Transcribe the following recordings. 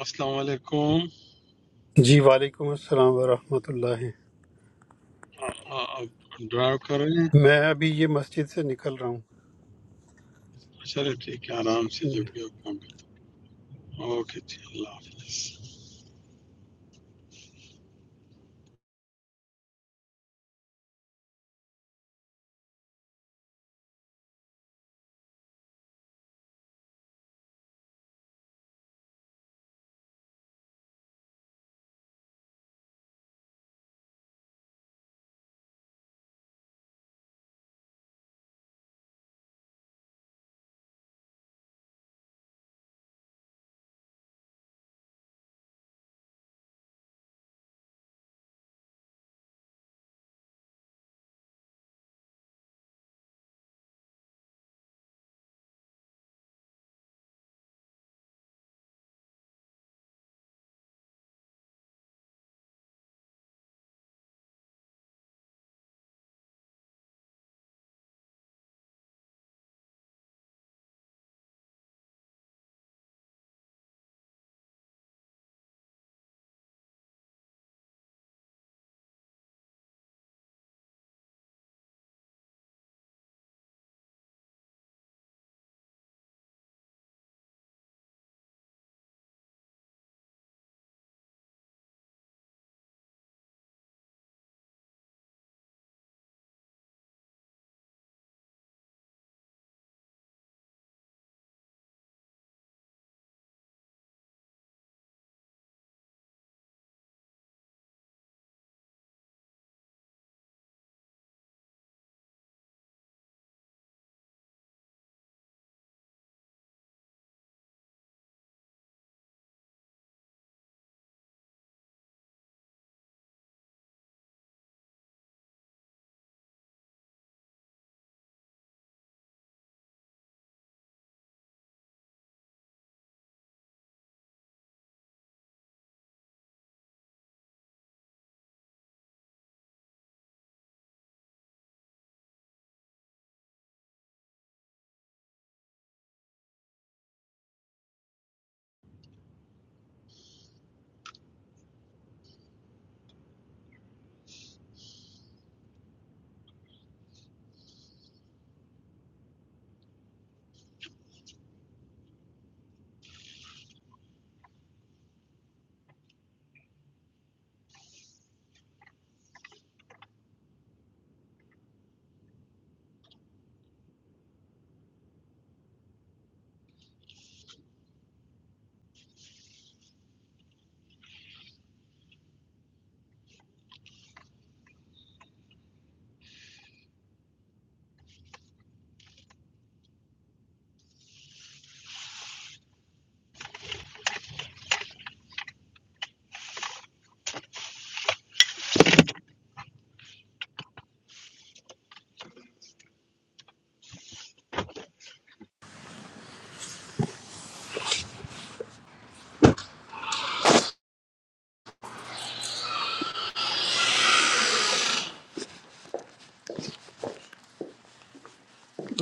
السلام علیکم جی وعلیکم السلام ورحمۃ اللہ آپ ڈرائیو کر رہے ہیں میں ابھی یہ مسجد سے نکل رہا ہوں چلے ٹھیک ہے آرام سے جو بھی آپ ہوں گے اوکے جی اللہ حافظ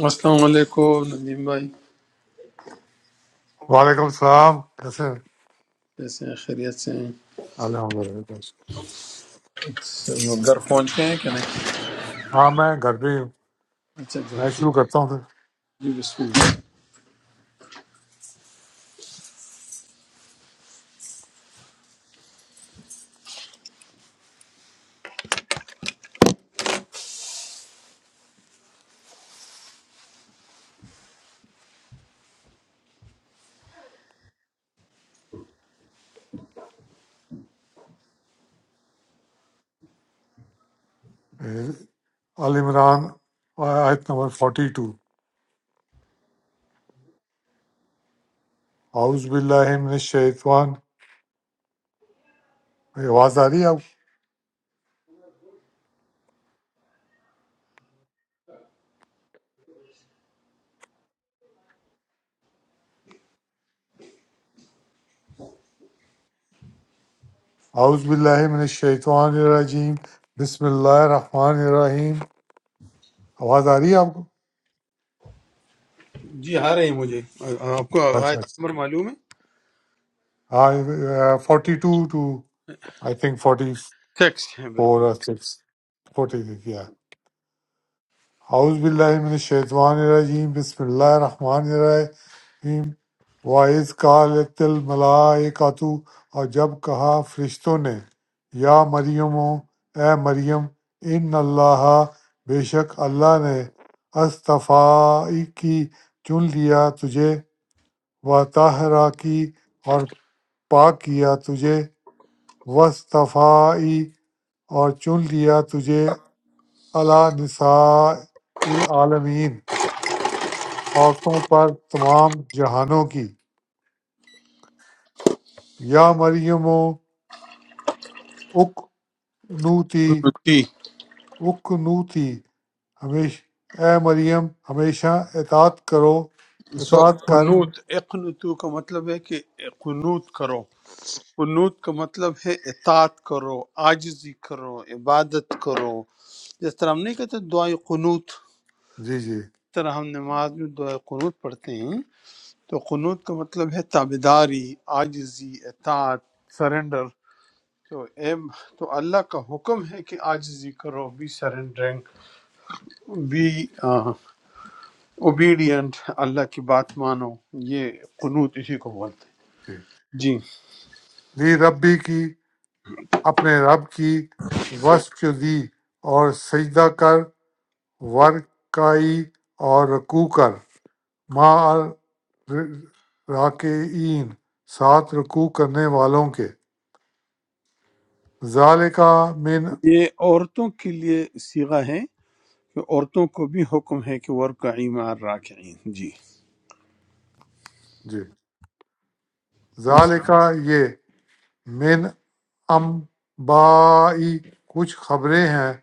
السلام علیکم ندیم بھائی وعلیکم السلام کیسے ہیں؟ کیسے ہیں خیریت سے ہیں الحمد للہ سب گھر پہنچ گئے ہیں کہ نہیں ہاں میں گھر پہ ہی ہوں اچھا گھر میں شروع پہنچ- کرتا ہوں جی بسم اللہ پھر عال عمران آیت نمبر 42 اعوذ باللہ من الشیطان میری آواز آ رہی ہے آپ کو؟ اعوذ باللہ من الشیطان الرجیم بسم اللہ الرحمن الرحیم آواز آ رہی ہے آپ کو جی آ رہے ہیں مجھے آپ کو اچھا آیت اچھا نمبر معلوم ہے ہاں forty two two I think forty text ہے فور بالکل اور سکس فورٹی تھری اعوذ باللہ من الشیطان الرجیم بسم اللہ الرحمن الرحیم وَإِذْ قَالَتِ الْمَلَائِکَةُ اور جب کہا فرشتوں نے یا مریم اے مریم ان اللہ بے شک اللہ نے استفائی کی چن لیا تجھے و طاہرہ کی اور پاک کیا تجھے وصطفائی اور چن لیا تجھے اللہ نساء العالمین عورتوں پر تمام جہانوں کی یا مریم اک نُو تھی جی اُک نُو تھی ہمیش اے مریم ہمیشہ اطاعت کرو سو اطاعت کر قنوت اقنتو کا مطلب ہے کہ قنوت کرو قنوت کا مطلب ہے اطاعت کرو عاجزی کرو عبادت کرو جس طرح ہم نہیں کہتے دعائے قنوت جس جی جی طرح ہم نماز میں دعائے قنوت پڑھتے ہیں تو قنوت کا مطلب ہے تابیداری عاجزی اطاعت سرنڈر تو اے تو اللہ کا حکم ہے کہ عاجزی کرو be surrendering be obedient Allah کی بات مانو یہ قنوت اسی کو بولتے ہیں جی جی لی ربی کی اپنے رب کی وصف جو دی اور سجدہ کر ورکائی اور رکوع کر ماں راکعین ساتھ رکوع کرنے والوں کے ذالکا من یہ عورتوں کے لیے سیغہ ہے کہ عورتوں کو بھی حکم ہے کہ ورکعی مع الراکعین جی جی جس ذالکا یہ من انبائی کچھ خبریں ہیں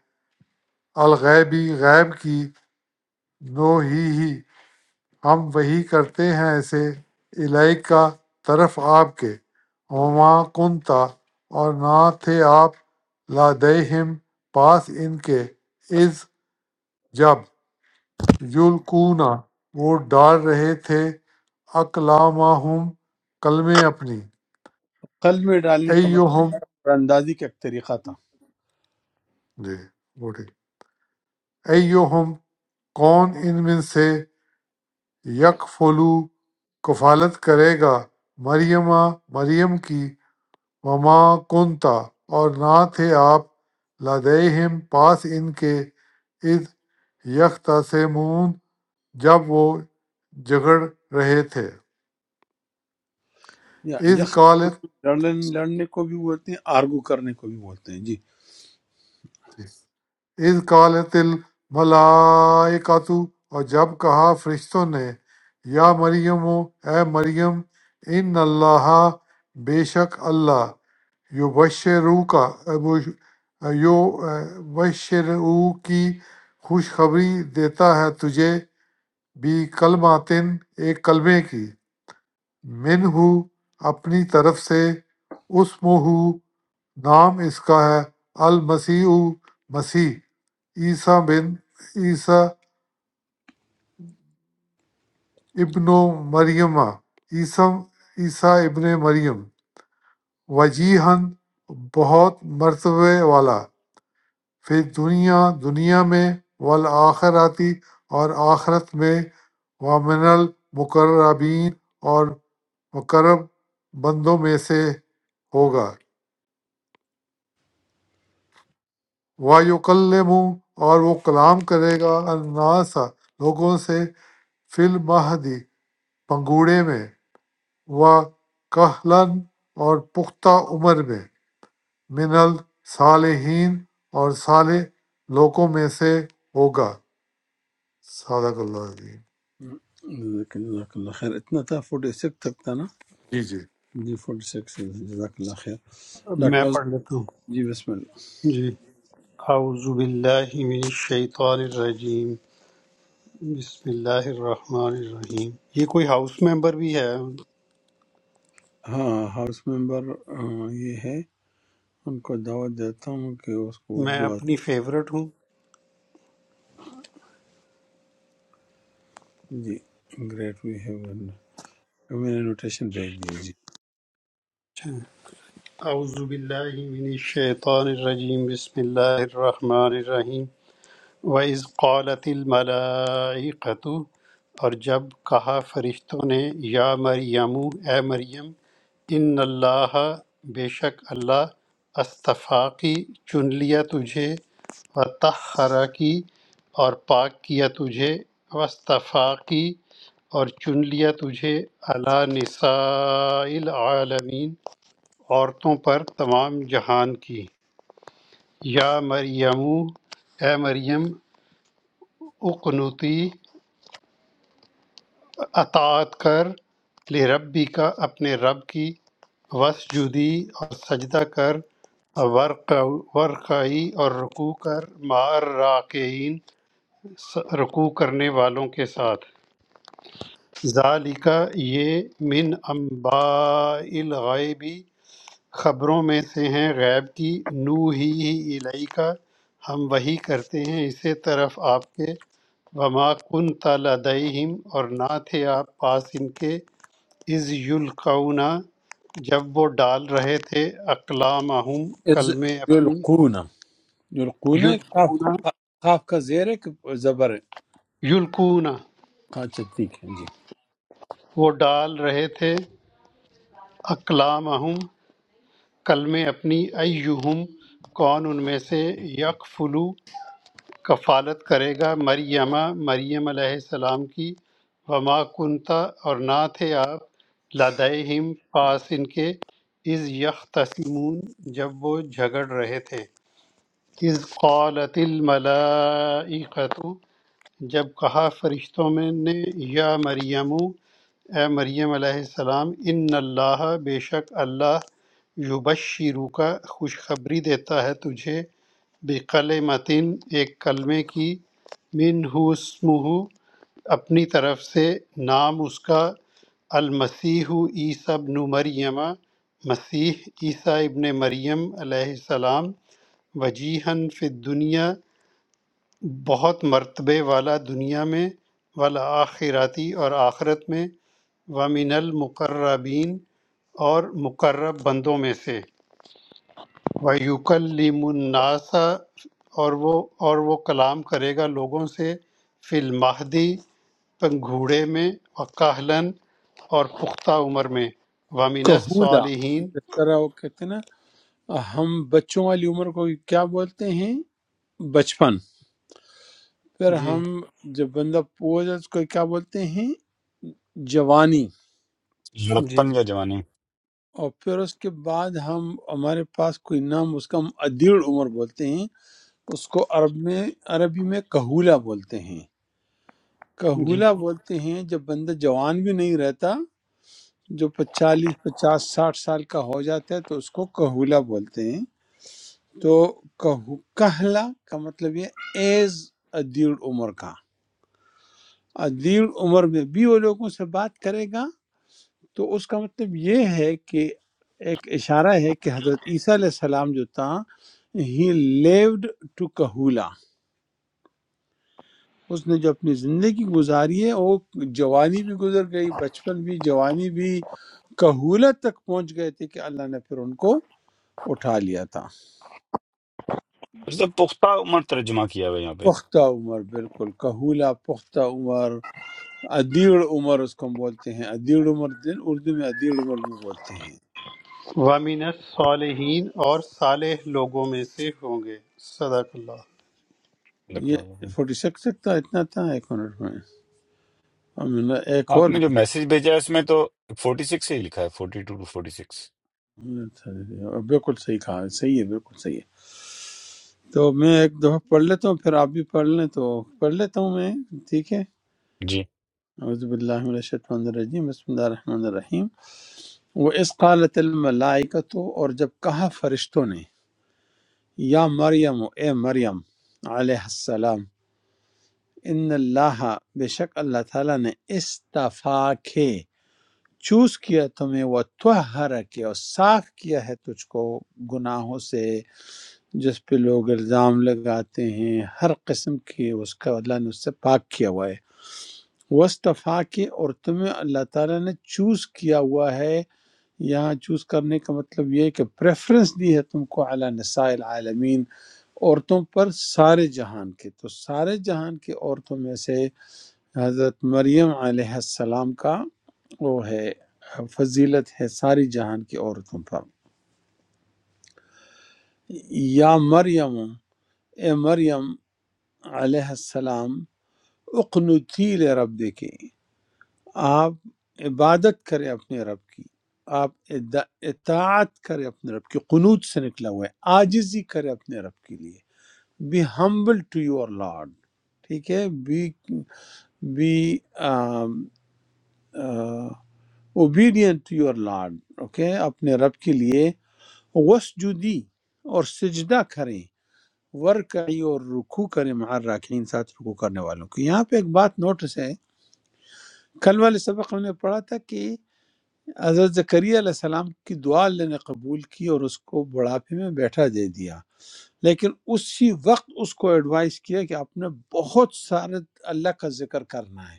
الغیبی غیب کی نو ہی ہی ہم وہی کرتے ہیں اسے الیک کا طرف آپ کے وما کنتا اور نہ تھے آپ لادہم پاس ان کے از جب یلقونا وہ ڈال رہے تھے اقلامہم کلمے اپنی قلب میں ڈالنے کا مطلب ایہم ہے اور اندازی کا ایک طریقہ تھا جی بوٹے ایہم کون ان میں سے یکفلو کفالت کرے گا مریمہ مریم کی وما کنتا اور نہ تھے آپ لدیہم پاس ان کے اذ یختصمون جب وہ جھگڑ رہے تھے یا اذ یخ قالت لڑنے لڑنے کو بھی بولتے ہیں آرگو کرنے کو بھی بولتے ہیں جی اذ قالت الملائکۃ اور جب کہا فرشتوں نے یا مریم اے مریم ان اللہ بے شک اللہ یو بشرو کا یو بشرو کی خوشخبری دیتا ہے تجھے بھی کلماتن ایک کلمے کی منہ اپنی طرف سے اسمہ نام اس کا ہے المسیح مسیح عیسیٰ بن عیسیٰ ابن مریم عیسیٰ عیسیٰ ابن مریم وجیحن بہت مرتبے والا پھر دنیا دنیا میں والآخراتی اور آخرت میں وامن المقربین اور مقرب بندوں میں سے ہوگا وَيُكَلِّمُ اور وہ کلام کرے گا الناس لوگوں سے فی المہدی پنگوڑے میں وَكَهْلًا اور پختہ عمر میں من الصالحین اور صالح لوگوں میں سے ہوگا صدق اللہ عظیم جزاک جزاک اللہ خیر اتنا تھا فورٹی سکس تک تھا نا جی جی جی فورٹی سکس جزاک اللہ خیر اب میں ڈاکٹر افضل، پڑھ لیتا ہوں جی بسم اللہ جی اعوذ باللہ من الشیطان الرجیم بسم اللہ الرحمن الرحیم یہ کوئی ہاؤس ممبر بھی ہے ہاں ہاؤس ممبر آ، یہ ہے ان کو دعوت دیتا ہوں کہ اس کو میں اردو اپنی فیورٹ ہوں آتی جی گریٹ وی ہے میں نے نوٹیشن بھیج دی ہے، جی اعوذ باللہ من الشیطان الرجیم بسم اللہ الرحمن الرحیم وَإِذْ قَالَتِ الْمَلَائِكَةُ اور جب کہا فرشتوں نے یا مریم اے مریم ان اللہ بے شک اللہ استفاقی چن لیا تجھے و تحرا کی اور پاک کیا تجھے وصطفاقی اور چن لیا تجھے اللہ نساء العالمین عورتوں پر تمام جہان کی یا مریم اے مریم اقنتی اطاعت کر لربی کا اپنے رب کی وسجودی اور سجدہ کر ورق ورقعی اور رکوع کر مار راکعین رکوع کرنے والوں کے ساتھ ذالکہ یہ من انباء الغیبی خبروں میں سے ہیں غیب کی نو ہی ہی الہی کا ہم وہی کرتے ہیں اسی طرف آپ کے وما کن لدیہم اور نہ تھے آپ پاس ان کے از یلقونا جب وہ ڈال رہے تھے اقلامہم از کلمے اپنی یلقون یلقون قاف یلقونا قاف کا زیر ہے کہ زبر ہے یلقونا اچھا ٹھیک ہے جی وہ ڈال رہے تھے اقلامہم کلمے اپنی ایہم کون ان میں سے یکفلو کفالت کرے گا مریمہ مریم علیہ السلام کی وما کنتا اور نہ تھے آپ لدہم پاس ان کے از یختصمون جب وہ جھگڑ رہے تھے اذ قالت الملائکۃ جب کہا فرشتوں میں نے یا مریم اے مریم علیہ السلام ان اللہ بے شک اللہ یبشرو کا خوشخبری دیتا ہے تجھے بقلمتن ایک کلمے کی من اسمہ اپنی طرف سے نام اس کا المسیح عیسی ابن مریم مسیح عیسیٰ ابن مریم علیہ السلام وجیحاً فی دنیا بہت مرتبے والا دنیا میں والآخرتی اور آخرت میں وَمِنَ الْمُقَرَّبِينَ اور مقرب بندوں میں سے وَيُكَلِّمُ النَّاسَ اور وہ اور وہ کلام کرے گا لوگوں سے فی المہدی پنگھوڑے میں وکاہلن اور پختہ عمر میں وَمِنَ کہولا الصَّالِحِينَ جس طرح وہ کہتے ہیں نا ہم بچوں والی عمر کو کیا بولتے ہیں بچپن پھر جی ہم جب بندہ پوج اس کو کیا بولتے ہیں جوانی جی لڑکپن یا جوانی اور پھر اس کے بعد ہم ہمارے پاس کوئی نام اس کا ہم ادیڑ عمر بولتے ہیں اس کو عرب میں عربی میں کہولا بولتے ہیں جی کہولا بولتے ہیں جب بندہ جوان بھی نہیں رہتا جو پچالیس پچاس ساٹھ سال کا ہو جاتا ہے تو اس کو کہولا بولتے ہیں تو کہو- کہلا کا مطلب یہ ایز ادیڑ عمر کا ادیڑ عمر میں بھی وہ لوگوں سے بات کرے گا تو اس کا مطلب یہ ہے کہ ایک اشارہ ہے کہ حضرت عیسیٰ علیہ السلام جو تھا ہی لیوڈ ٹو کہولا اس نے جو اپنی زندگی گزاری ہے وہ جوانی بھی گزر گئی بچپن بھی جوانی بھی کہولا تک پہنچ گئے تھے کہ اللہ نے پھر ان کو اٹھا لیا تھا مطلب پختہ عمر ترجمہ کیا ہوا ہے یہاں پہ پختہ عمر بالکل کہولا پختہ عمر ادیڑ عمر اس کو ہم بولتے ہیں ادیڑ عمر دن اردو میں ادیڑ عمر بھی بولتے ہیں وَمِنَ الصَّالِحِينَ اور صالح لوگوں میں سے ہوں گے صدق اللہ لکھ رہا یہ ہوں۔ فورٹی سکس تک تھا اتنا تھا ایک منٹ میں اور میں نے ایک آپ اور نے جو بھی میسج بھیجا ہے اس میں تو فورٹی سکس ہی لکھا ہے forty two two forty six بالکل صحیح کہا صحیح ہے بالکل صحیح ہے تو میں ایک دفعہ پڑھ لیتا ہوں پھر آپ بھی پڑھ لیں تو پڑھ لیتا ہوں میں ٹھیک ہے جی اعوذ باللہ من الشیطان الرجیم بسم اللہ الرحمن الرحیم وہ اس قالت الملائکہ اور جب کہا فرشتوں نے یا مریم اے مریم علیہ السلام ان اللہ بے شک اللہ تعالیٰ نے استفا کے چوز کیا تمہیں وہ توہر کے اور صاف کیا ہے تجھ کو گناہوں سے جس پہ لوگ الزام لگاتے ہیں ہر قسم کی اس کا اللہ نے اس سے پاک کیا ہوا ہے وصطفیٰ کے اور تمہیں اللہ تعالیٰ نے چوز کیا ہوا ہے یہاں چوز کرنے کا مطلب یہ ہے کہ پریفرنس دی ہے تم کو اعلیٰ نساء العالمین عورتوں پر سارے جہان کے تو سارے جہان کی عورتوں میں سے حضرت مریم علیہ السلام کا وہ ہے فضیلت ہے ساری جہان کی عورتوں پر یا مریم اے مریم علیہ السلام اقنتی رب کے آپ عبادت کرے اپنے رب کی آپ ادا- اطاعت کرے اپنے رب کی قنوت سے نکلا ہوا ہے آجزی کرے اپنے رب کے لیے be humble to your lord ٹھیک ہے be be um, uh, obedient to your Lord okay اپنے رب کے لیے وسجدی اور سجدہ کریں ورکعی اور رکوع کریں مع الراکعین ساتھ رکوع کرنے والوں کی یہاں پہ ایک بات نوٹس ہے کل والے سبق ہم نے پڑھا تھا کہ حضرت زکریہ علیہ السلام کی دعا اللہ نے قبول کی اور اس کو بڑھاپے میں بیٹھا دے دیا لیکن اسی وقت اس کو ایڈوائز کیا کہ آپ نے بہت سارے اللہ کا ذکر کرنا ہے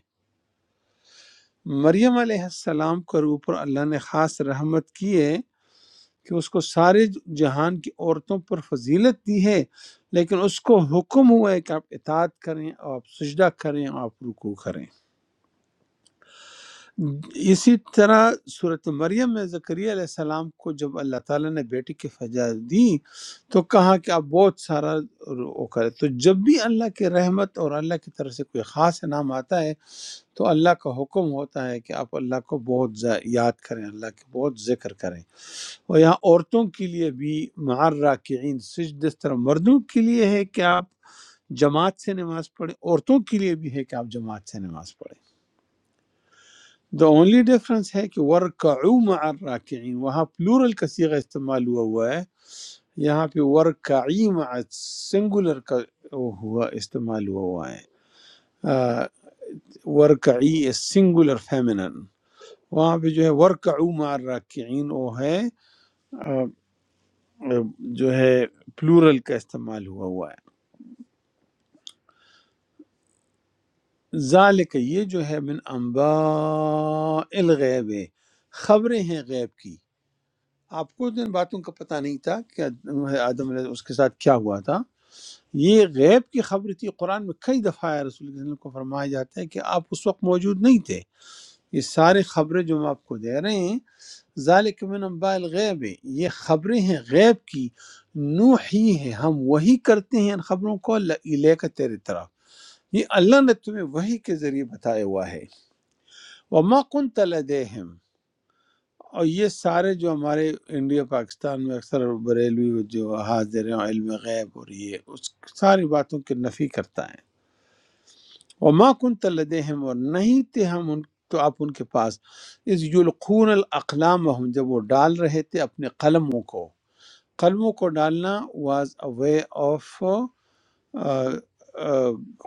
مریم علیہ السلام کے اوپر اللہ نے خاص رحمت کی ہے کہ اس کو سارے جہان کی عورتوں پر فضیلت دی ہے لیکن اس کو حکم ہوا ہے کہ آپ اطاعت کریں اور آپ سجدہ کریں اور آپ رکوع کریں اسی طرح صورت مریم میں زکریا علیہ السلام کو جب اللہ تعالیٰ نے بیٹی کی فجا دی تو کہا کہ آپ بہت سارا وہ کرے تو جب بھی اللہ کی رحمت اور اللہ کی طرف سے کوئی خاص انعام آتا ہے تو اللہ کا حکم ہوتا ہے کہ آپ اللہ کو بہت زا- یاد کریں اللہ کے بہت ذکر کریں اور یہاں عورتوں کے لیے بھی معر راکعین سجد اس طرح مردوں کے لیے ہے کہ آپ جماعت سے نماز پڑھیں عورتوں کے لیے بھی ہے کہ آپ جماعت سے نماز پڑھیں دا اونلی ڈفرنس ہے کہ ورکعو مع الراکعین وہاں پلورل کا صیغہ استعمال ہوا ہوا ہے یہاں پہ ورکعی مع سنگولر کا وہ ہوا استعمال ہوا ہوا ہے آ، ورکعی سنگولر فیمنن وہاں پہ جو ہے ورکعو مع الراکعین وہ ہے آ، جو ہے پلورل کا استعمال ہوا ہوا ہے ذالک یہ جو ہے من انباء الغیب ہے، خبریں ہیں غیب کی آپ کو ان باتوں کا پتہ نہیں تھا کہ آدم علیہ اس کے ساتھ کیا ہوا تھا یہ غیب کی خبر تھی قرآن میں کئی دفعہ ہے رسول اللہ صلی اللہ علیہ وسلم کو فرمایا جاتا ہے کہ آپ اس وقت موجود نہیں تھے یہ سارے خبریں جو ہم آپ کو دے رہے ہیں ذالک من انباء الغیب یہ خبریں ہیں غیب کی نوحی ہے ہم وہی کرتے ہیں ان خبروں کو لے کا تیرے طرف یہ اللہ نے تمہیں وہی کے ذریعے بتایا ہوا ہے وما کنت لدیهم اور یہ سارے جو ہمارے انڈیا پاکستان میں اکثر بریلوی جو حاضر ہیں علم غیب اور یہ اس ساری باتوں کی نفی کرتا ہے وما کنت لدیهم اور نہیں تھے ہم ان تو آپ ان کے پاس اس یلقون الاقلام ہم جب وہ ڈال رہے تھے اپنے قلموں کو قلموں کو ڈالنا واز اے وے آف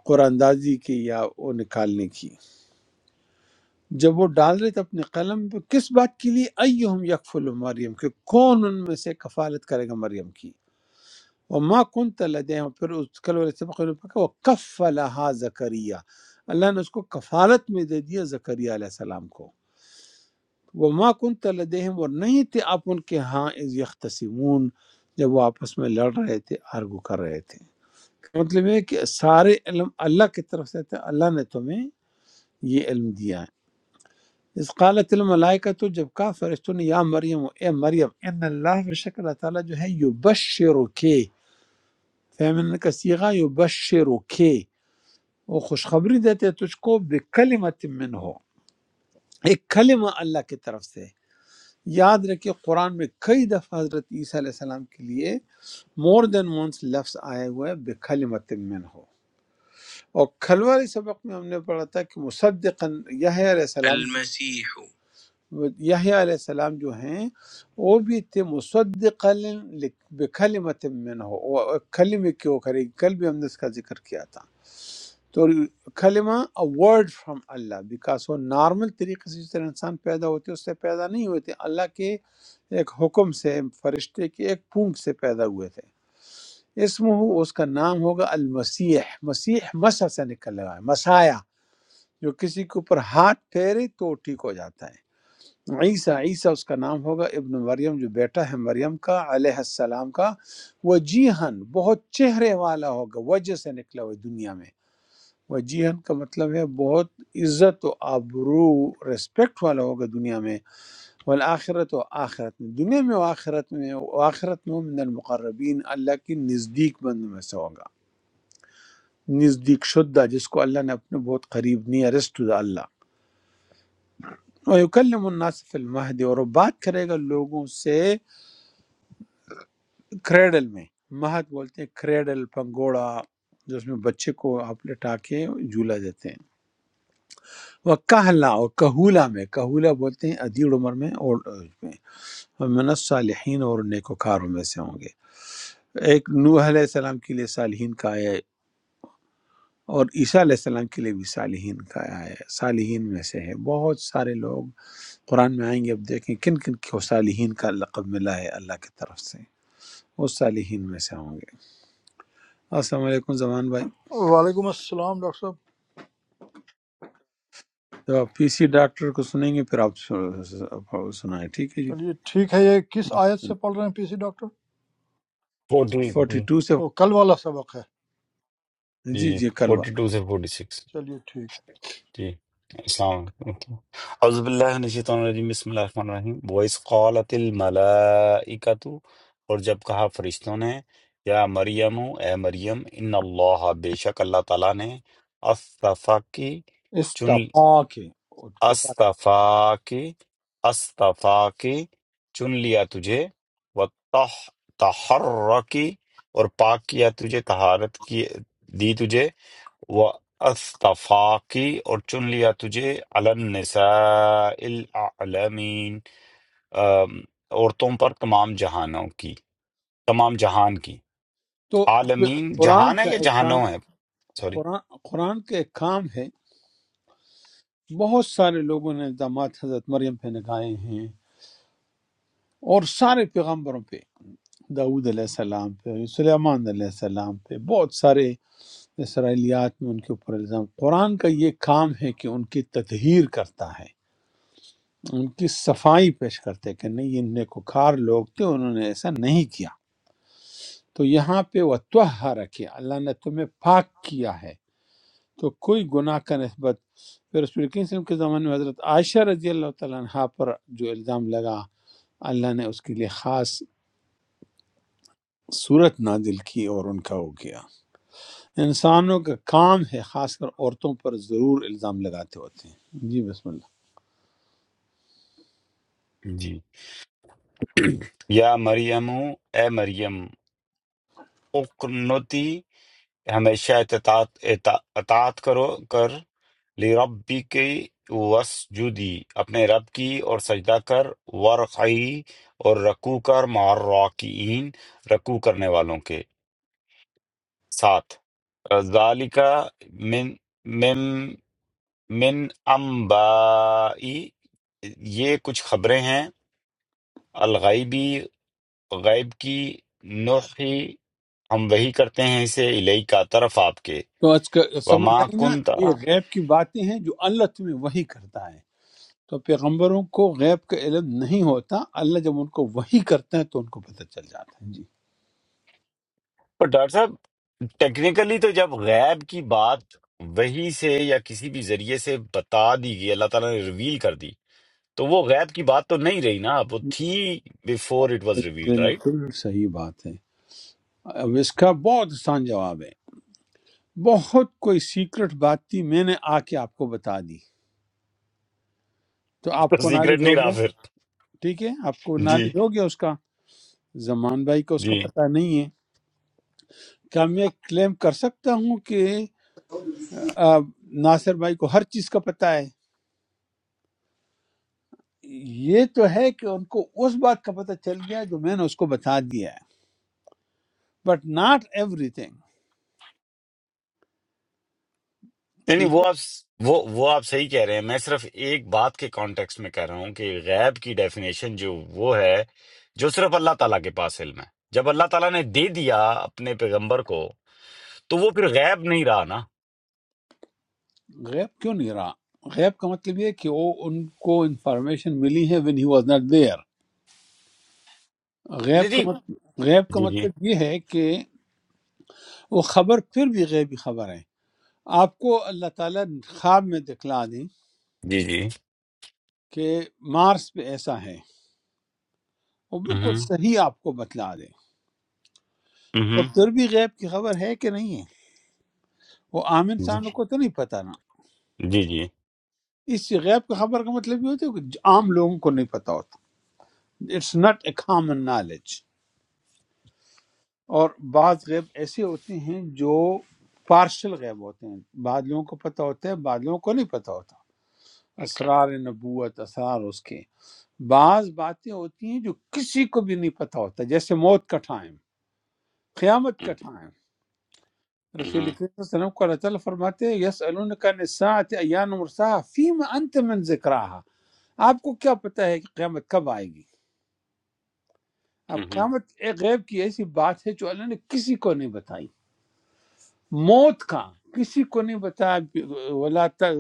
قرآن اندازی کی یا وہ نکالنے کی جب وہ ڈال رہے تھے اپنے قلم پہ کس بات کے لیے ایہم یکفل مریم کہ کون ان میں سے کفالت کرے گا مریم کی وما کنت لديهم پھر اس کل والے سبق میں پکا وہ کفلھا زکریا اللہ نے اس کو کفالت میں دے دیا زکریا علیہ السلام کو وما کنت لدیهم اور نہیں تھے آپ ان کے ہاں اذ یختصمون جب وہ آپس میں لڑ رہے تھے آرگو کر رہے تھے مطلب یہ ہے کہ سارے علم اللہ کی طرف سے تھے اللہ نے تمہیں یہ علم دیا اس قالت الملائکۃ جب کہا فرشتوں نے یا مریم اے مریم ان اللہ بے شک اللہ تعالیٰ جو ہے یبشرو کے فیمن کا سیغہ یبشرو کے وہ خوشخبری دیتے ہیں تجھ کو بکلمت من ہو ایک کلمہ اللہ کی طرف سے یاد رکھے قرآن میں کئی دفعہ حضرت عیسیٰ علیہ السلام کے لیے مور دین ونس لفظ آئے ہوئے ہیں بکلمت من ہو اور کھلواری سبق میں ہم نے پڑھا تھا کہ مصدقاً یہ علیہ السلام یحییٰ علیہ السلام جو ہیں وہ بھی تھے مصدقا لک- بکلمت من ہو وہ ایک کلمے کی وہ کرے کل بھی ہم نے اس کا ذکر کیا تھا تو کلمہ ورڈ فرام اللہ بیکاز وہ نارمل طریقے سے جس طرح انسان پیدا ہوتے اس سے پیدا نہیں ہوئے تھے اللہ کے ایک حکم سے فرشتے کے ایک پونک سے پیدا ہوئے تھے اسم ہو اس کا نام ہوگا المسیح مسیح مسح سے نکل رہا ہے مسایا جو کسی کے اوپر ہاتھ پھیرے تو وہ ٹھیک ہو جاتا ہے عیسیٰ عیسیٰ اس کا نام ہوگا ابن مریم جو بیٹا ہے مریم کا علیہ السلام کا وجیہن بہت چہرے والا ہوگا وجہ سے نکلا ہوا ہے دنیا میں وجیہن کا مطلب ہے بہت عزت و آبرو ریسپیکٹ والا ہوگا دنیا میں والآخرت و آخرت میں دنیا میں و آخرت میں و آخرت میں وہ من المقربین اللہ کی نزدیک بند میں سے ہوگا نزدیک شدہ جس کو اللہ نے اپنے بہت قریب نیا رسٹ اللہ وَيُكَلِّمُ النَّاسَ فِي الْمَهْدِ اور وہ بات کرے گا لوگوں سے کریڈل میں مہد بولتے ہیں کریڈل پنگوڑا جو اس میں بچے کو آپ لٹا کے جھولا دیتے ہیں وہ کہلا اور کہولا میں کہولا بولتے ہیں ادیڑ عمر میں اور میں من الصالحین اور نیکوکاروں میں سے ہوں گے ایک نوح علیہ السلام کے لیے صالحین کا آیا ہے اور عیسیٰ علیہ السلام کے لیے بھی صالحین کا آیا ہے صالحین میں سے ہے بہت سارے لوگ قرآن میں آئیں گے اب دیکھیں کن کن کو صالحین کا لقب ملا ہے اللہ کی طرف سے وہ صالحین میں سے ہوں گے السلام علیکم زمان بھائی وعلیکم السلام ڈاکٹر صاحب تو آپ پی سی ڈاکٹر کو سنیں گے پھر آپ سن- آپ سنائیں ٹھیک ہے جی چلیے ٹھیک ہے یہ کس آیت سے پڑھ رہے ہیں P C doctor forty forty two سے وہ کل والا سبق ہے جی جی جی کل فورٹی والا ٹو سے فورٹی سکس چلیے ٹھیک ہے جی السلام علیکم اعوذ باللہ من الشیطان الرجیم بسم اللہ الرحمن الرحیم وَإِذْ قَالَتِ الْمَلَائِكَةُ اور جب کہا فرشتوں نے یا مریم اے مریم ان اللہ بے شک اللہ تعالیٰ نے اصطفیٰ کی استفا کے اٹھ پٹا۔ استفا کی استفا کی چن لیا تجھے و تحرکی اور پاک کیا تجھے طہارت کی دی تجھے و استفا کی اور چن لیا تجھے علی النساء العالمین آم، عورتوں پر تمام جہانوں کی تمام جہان کی تو عالمین قرآن جہان ہے کا یا ایک کام جہانوں ہے سوری قرآن, قرآن کا ایک کام ہے بہت سارے لوگوں نے الزامات حضرت مریم پہ لگائے ہیں اور سارے پیغمبروں پہ داود علیہ السلام پہ سلیمان علیہ السلام پہ بہت سارے اسرائیلیات میں ان کے اوپر الزام قرآن کا یہ کام ہے کہ ان کی تطہیر کرتا ہے ان کی صفائی پیش کرتے کہ نہیں یہ نیکوکار لوگ تھے انہوں نے ایسا نہیں کیا تو یہاں پہ وہ توہر کیا اللہ نے تمہیں پاک کیا ہے تو کوئی گناہ کا نسبت پھر رسول کریم صلی اللہ علیہ وسلم کے زمانے میں حضرت عائشہ رضی اللہ تعالیٰ عنہ پر جو الزام لگا اللہ نے اس کے لیے خاص صورت نازل کی اور ان کا ہو گیا انسانوں کا کام ہے خاص کر عورتوں پر ضرور الزام لگاتے ہوتے ہیں جی بسم اللہ جی یا مریم اے مریم اقنتی کہ ہمیشہ اطاعت اطاع- اطاعت کرو کر لی ربی کی وسجودی اپنے رب کی اور سجدہ کر ورقعی اور رکوع کر مار راکعین رکوع کرنے والوں کے ساتھ ذالک من من من انبائی یہ کچھ خبریں ہیں الغیبی غیب کی نوحی ہم وہی کرتے ہیں اسے الیکا طرف آپ کے تو آج کا سمجھ وما آئی نا کنت یہ غیب کی باتیں ہیں جو اللہ تمہیں وہی کرتا ہے تو پیغمبروں کو غیب کا علم نہیں ہوتا اللہ جب ان کو وحی کرتا ہے تو ان کو پتہ چل جاتا ہے جی پر ڈاکٹر صاحب ٹیکنیکلی تو جب غیب کی بات وہی سے یا کسی بھی ذریعے سے بتا دی گئی اللہ تعالیٰ نے ریویل کر دی تو وہ غیب کی بات تو نہیں رہی نا وہ تھی before it was reveal right بالکل صحیح بات ہے اب اس کا بہت آسان جواب ہے بہت کوئی سیکرٹ بات تھی میں نے آ کے آپ کو بتا دی تو آپ تو کو سیکرٹ نالج ہو نہیں رہا گیا پھر ٹھیک ہے آپ کو جی نالج ہو گیا اس کا زمان بھائی کو اس کا جی پتہ نہیں ہے کیا میں کلیم کر سکتا ہوں کہ آ، ناصر بھائی کو ہر چیز کا پتہ ہے یہ تو ہے کہ ان کو اس بات کا پتہ چل گیا جو میں نے اس کو بتا دیا ہے بٹ ناٹ ایوری تھنگ یعنی ٹھیک وہ ہے آپ وہ وہ آپ صحیح کہہ رہے ہیں میں صرف ایک بات کے کانٹیکس میں کہہ رہا ہوں کہ غیب کی ڈیفینیشن جو وہ ہے جو صرف اللہ تعالیٰ کے پاس علم ہے جب اللہ تعالیٰ نے دے دیا اپنے پیغمبر کو تو وہ پھر غیب نہیں رہا نا غیب کیوں نہیں رہا غیب کا مطلب یہ ہے کہ وہ ان کو انفارمیشن ملی ہے when he was not there جی غیب جی کا مطلب غیب کا جی جی مطلب یہ ہے کہ وہ خبر پھر بھی غیبی خبر ہے آپ کو اللہ تعالیٰ خواب میں دکھلا دیں جی جی کہ مارس پہ ایسا ہے وہ بالکل ہوں صحیح آپ کو بتلا دیں اور ہوں پھر بھی غیب کی خبر ہے کہ نہیں ہے وہ عام انسانوں کو تو نہیں پتہ نا جی جی اس غیب کی خبر کا مطلب یہ ہوتا ہے کہ عام لوگوں کو نہیں پتہ ہوتا it's not a common knowledge اور بعض غیب ایسے ہوتے ہیں جو پارشل غیب ہوتے ہیں بعض لوگوں کو پتہ ہوتا ہے بعض لوگوں کو نہیں پتہ ہوتا اوکے اسرار نبوت اسرار اس کے بعض باتیں ہوتی ہیں جو کسی کو بھی نہیں پتہ ہوتا جیسے موت کا ٹائم قیامت کا ہوں ٹائم رسول کریم صلی اللہ علیہ وسلم کو اللہ تعالیٰ فرماتے ہیں یس کا نسات ایان مرسا فیم انت من ذکراہا آپ کو کیا پتہ ہے کہ قیامت کب آئے گی اب ہوں قیامت ایک غیب کی ایسی بات ہے جو اللہ نے کسی کو نہیں بتائی موت کا کسی کو نہیں بتایا بھی- ولا ت-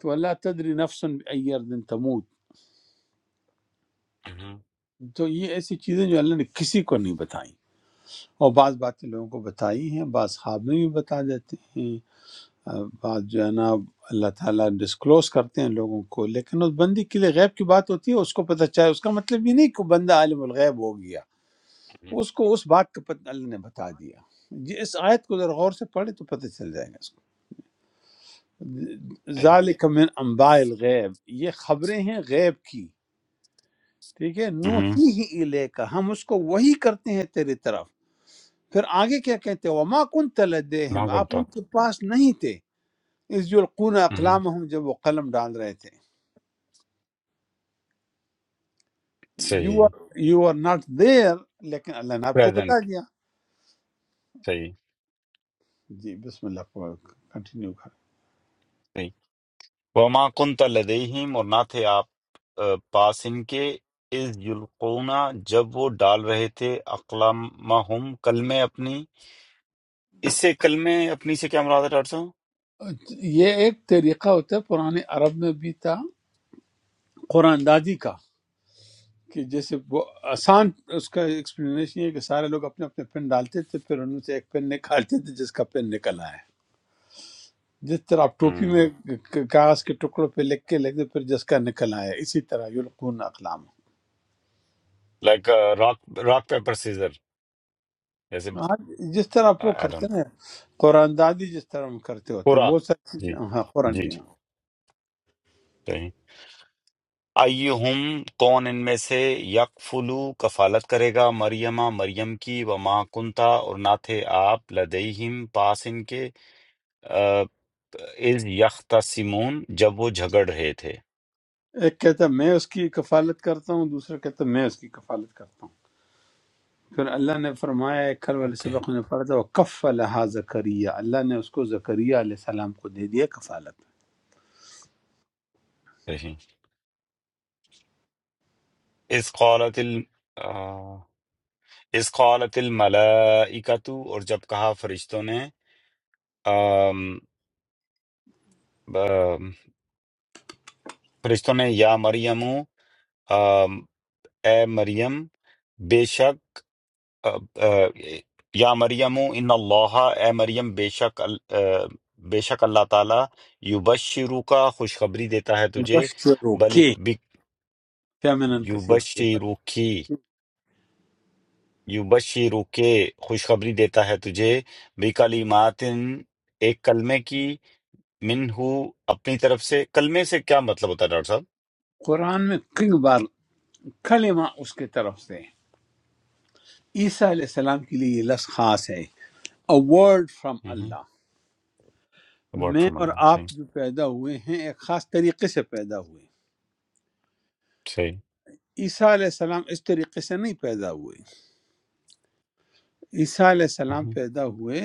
تو اللہ تدری نفس ایر دن تموت تو یہ ایسی چیزیں جو اللہ نے کسی کو نہیں بتائی اور بعض باتیں لوگوں کو بتائی ہیں بعض خواب میں بھی بتا دیتے ہیں آ، بعض جو ہے نا اللہ تعالیٰ ڈسکلوز کرتے ہیں لوگوں کو لیکن اس بندی کے لیے غیب کی بات ہوتی ہے اس کو پتہ چاہے اس کا مطلب یہ نہیں کہ وہ بندہ عالم الغیب ہو گیا اس کو اس بات کا پتہ اللہ نے بتا دیا جی اس آیت کو ذرا غور سے پڑھے تو پتہ چل جائے گا اس کو صحیح ذالک من انباء الغیب یہ خبریں ہیں غیب کی ٹھیک ہے ہوں نوحی ہی الے کا ہم اس کو وہی کرتے ہیں تیری طرف پھر آگے کیا کہتے ہیں وما کنت ما لدیهم آپ کنت ان کے پاس نہیں تھے اس یلقون ہوں اقلامهم جب وہ قلم ڈال رہے تھے یو صحیح are you are not there لیکن اللہ نے آپ کو بتا پریزنٹ دیا صحیح جی بسم اللہ کنٹینیو کر صحیح وما کنت لدیهم اور نہ تھے آپ آ، پاس ان کے اذ یلقون جب وہ ڈال رہے تھے اقلامہم کلمے اپنی اس سے کلمے اپنی سے کیا مراد ہے ڈاکٹر صاحب یہ ایک طریقہ ہوتا ہے پرانے عرب میں بھی تھا قرآن دادی کا کہ جیسے وہ آسان اس کا ایکسپلینیشن یہ ہے کہ سارے لوگ اپنے اپنے پن ڈالتے تھے پھر ان میں سے ایک پن نکالتے تھے جس کا پن نکل آیا جس طرح آپ ٹوپی میں ک- کاغذ کے ٹکڑوں پہ لکھ کے لکھتے پھر جس کا نکل آیا اسی طرح یلقون اقلام like rock rock paper scissor جیسے ہاں جس طرح آپ وہ آئی کرتے ڈونٹ ہیں قرآن دادی جس طرح ہم کرتے ہوتے ہیں پورا بہت ساری جی چیزیں ہاں قرآن جی جی جی۔ ہاں صحیح ایہم کون ان میں سے یکفلو کفالت کرے گا مریمہ مریم کی وما کنتا اور نہ تھے آپ لدیہم پاس ان کے آ، اذ یختصمون جب وہ جھگڑ رہے تھے ایک کہتا ہے میں اس کی کفالت کرتا ہوں دوسرا کہتا ہے میں اس کی کفالت کرتا ہوں پھر اللہ نے فرمایا ہے، کل والے اوکے سبق میں نے پڑھا تھا وہ کف لہٰ زکریہ اللہ نے اس کو زکریہ علیہ السلام کو دے دیا کفالت صحیح اذ قالت ال آ، اذ قالت الملائکۃ اور جب کہا فرشتوں نے آم، آم، فرشتوں نے یا مریم آم، اے مریم بے شک اب، آ، یا مریم ان اللہ اے مریم بے شک ال- آ، بے شک اللہ تعالیٰ یبشرو کا خوشخبری دیتا ہے تجھے بشرو بلی کے بک- فیمنن کثیر یبشرو کی یبشرو کے خوشخبری دیتا ہے تجھے بکلمات ایک کلمے کی منہو اپنی طرف سے کلمے سے کیا مطلب ہوتا ہے ڈاکٹر قرآن میں کئی بار کلمہ اس کے طرف سے ہے۔ عیسیٰ علیہ السلام کے لیے یہ لفظ خاص ہے a word from اللہ صاحب ابارٹ میں فرام اور اللہ آپ صحیح جو پیدا ہوئے ہیں ایک خاص طریقے سے پیدا ہوئے صحیح عیسیٰ علیہ السلام اس طریقے سے نہیں پیدا ہوئے عیسیٰ علیہ السلام مہم، پیدا ہوئے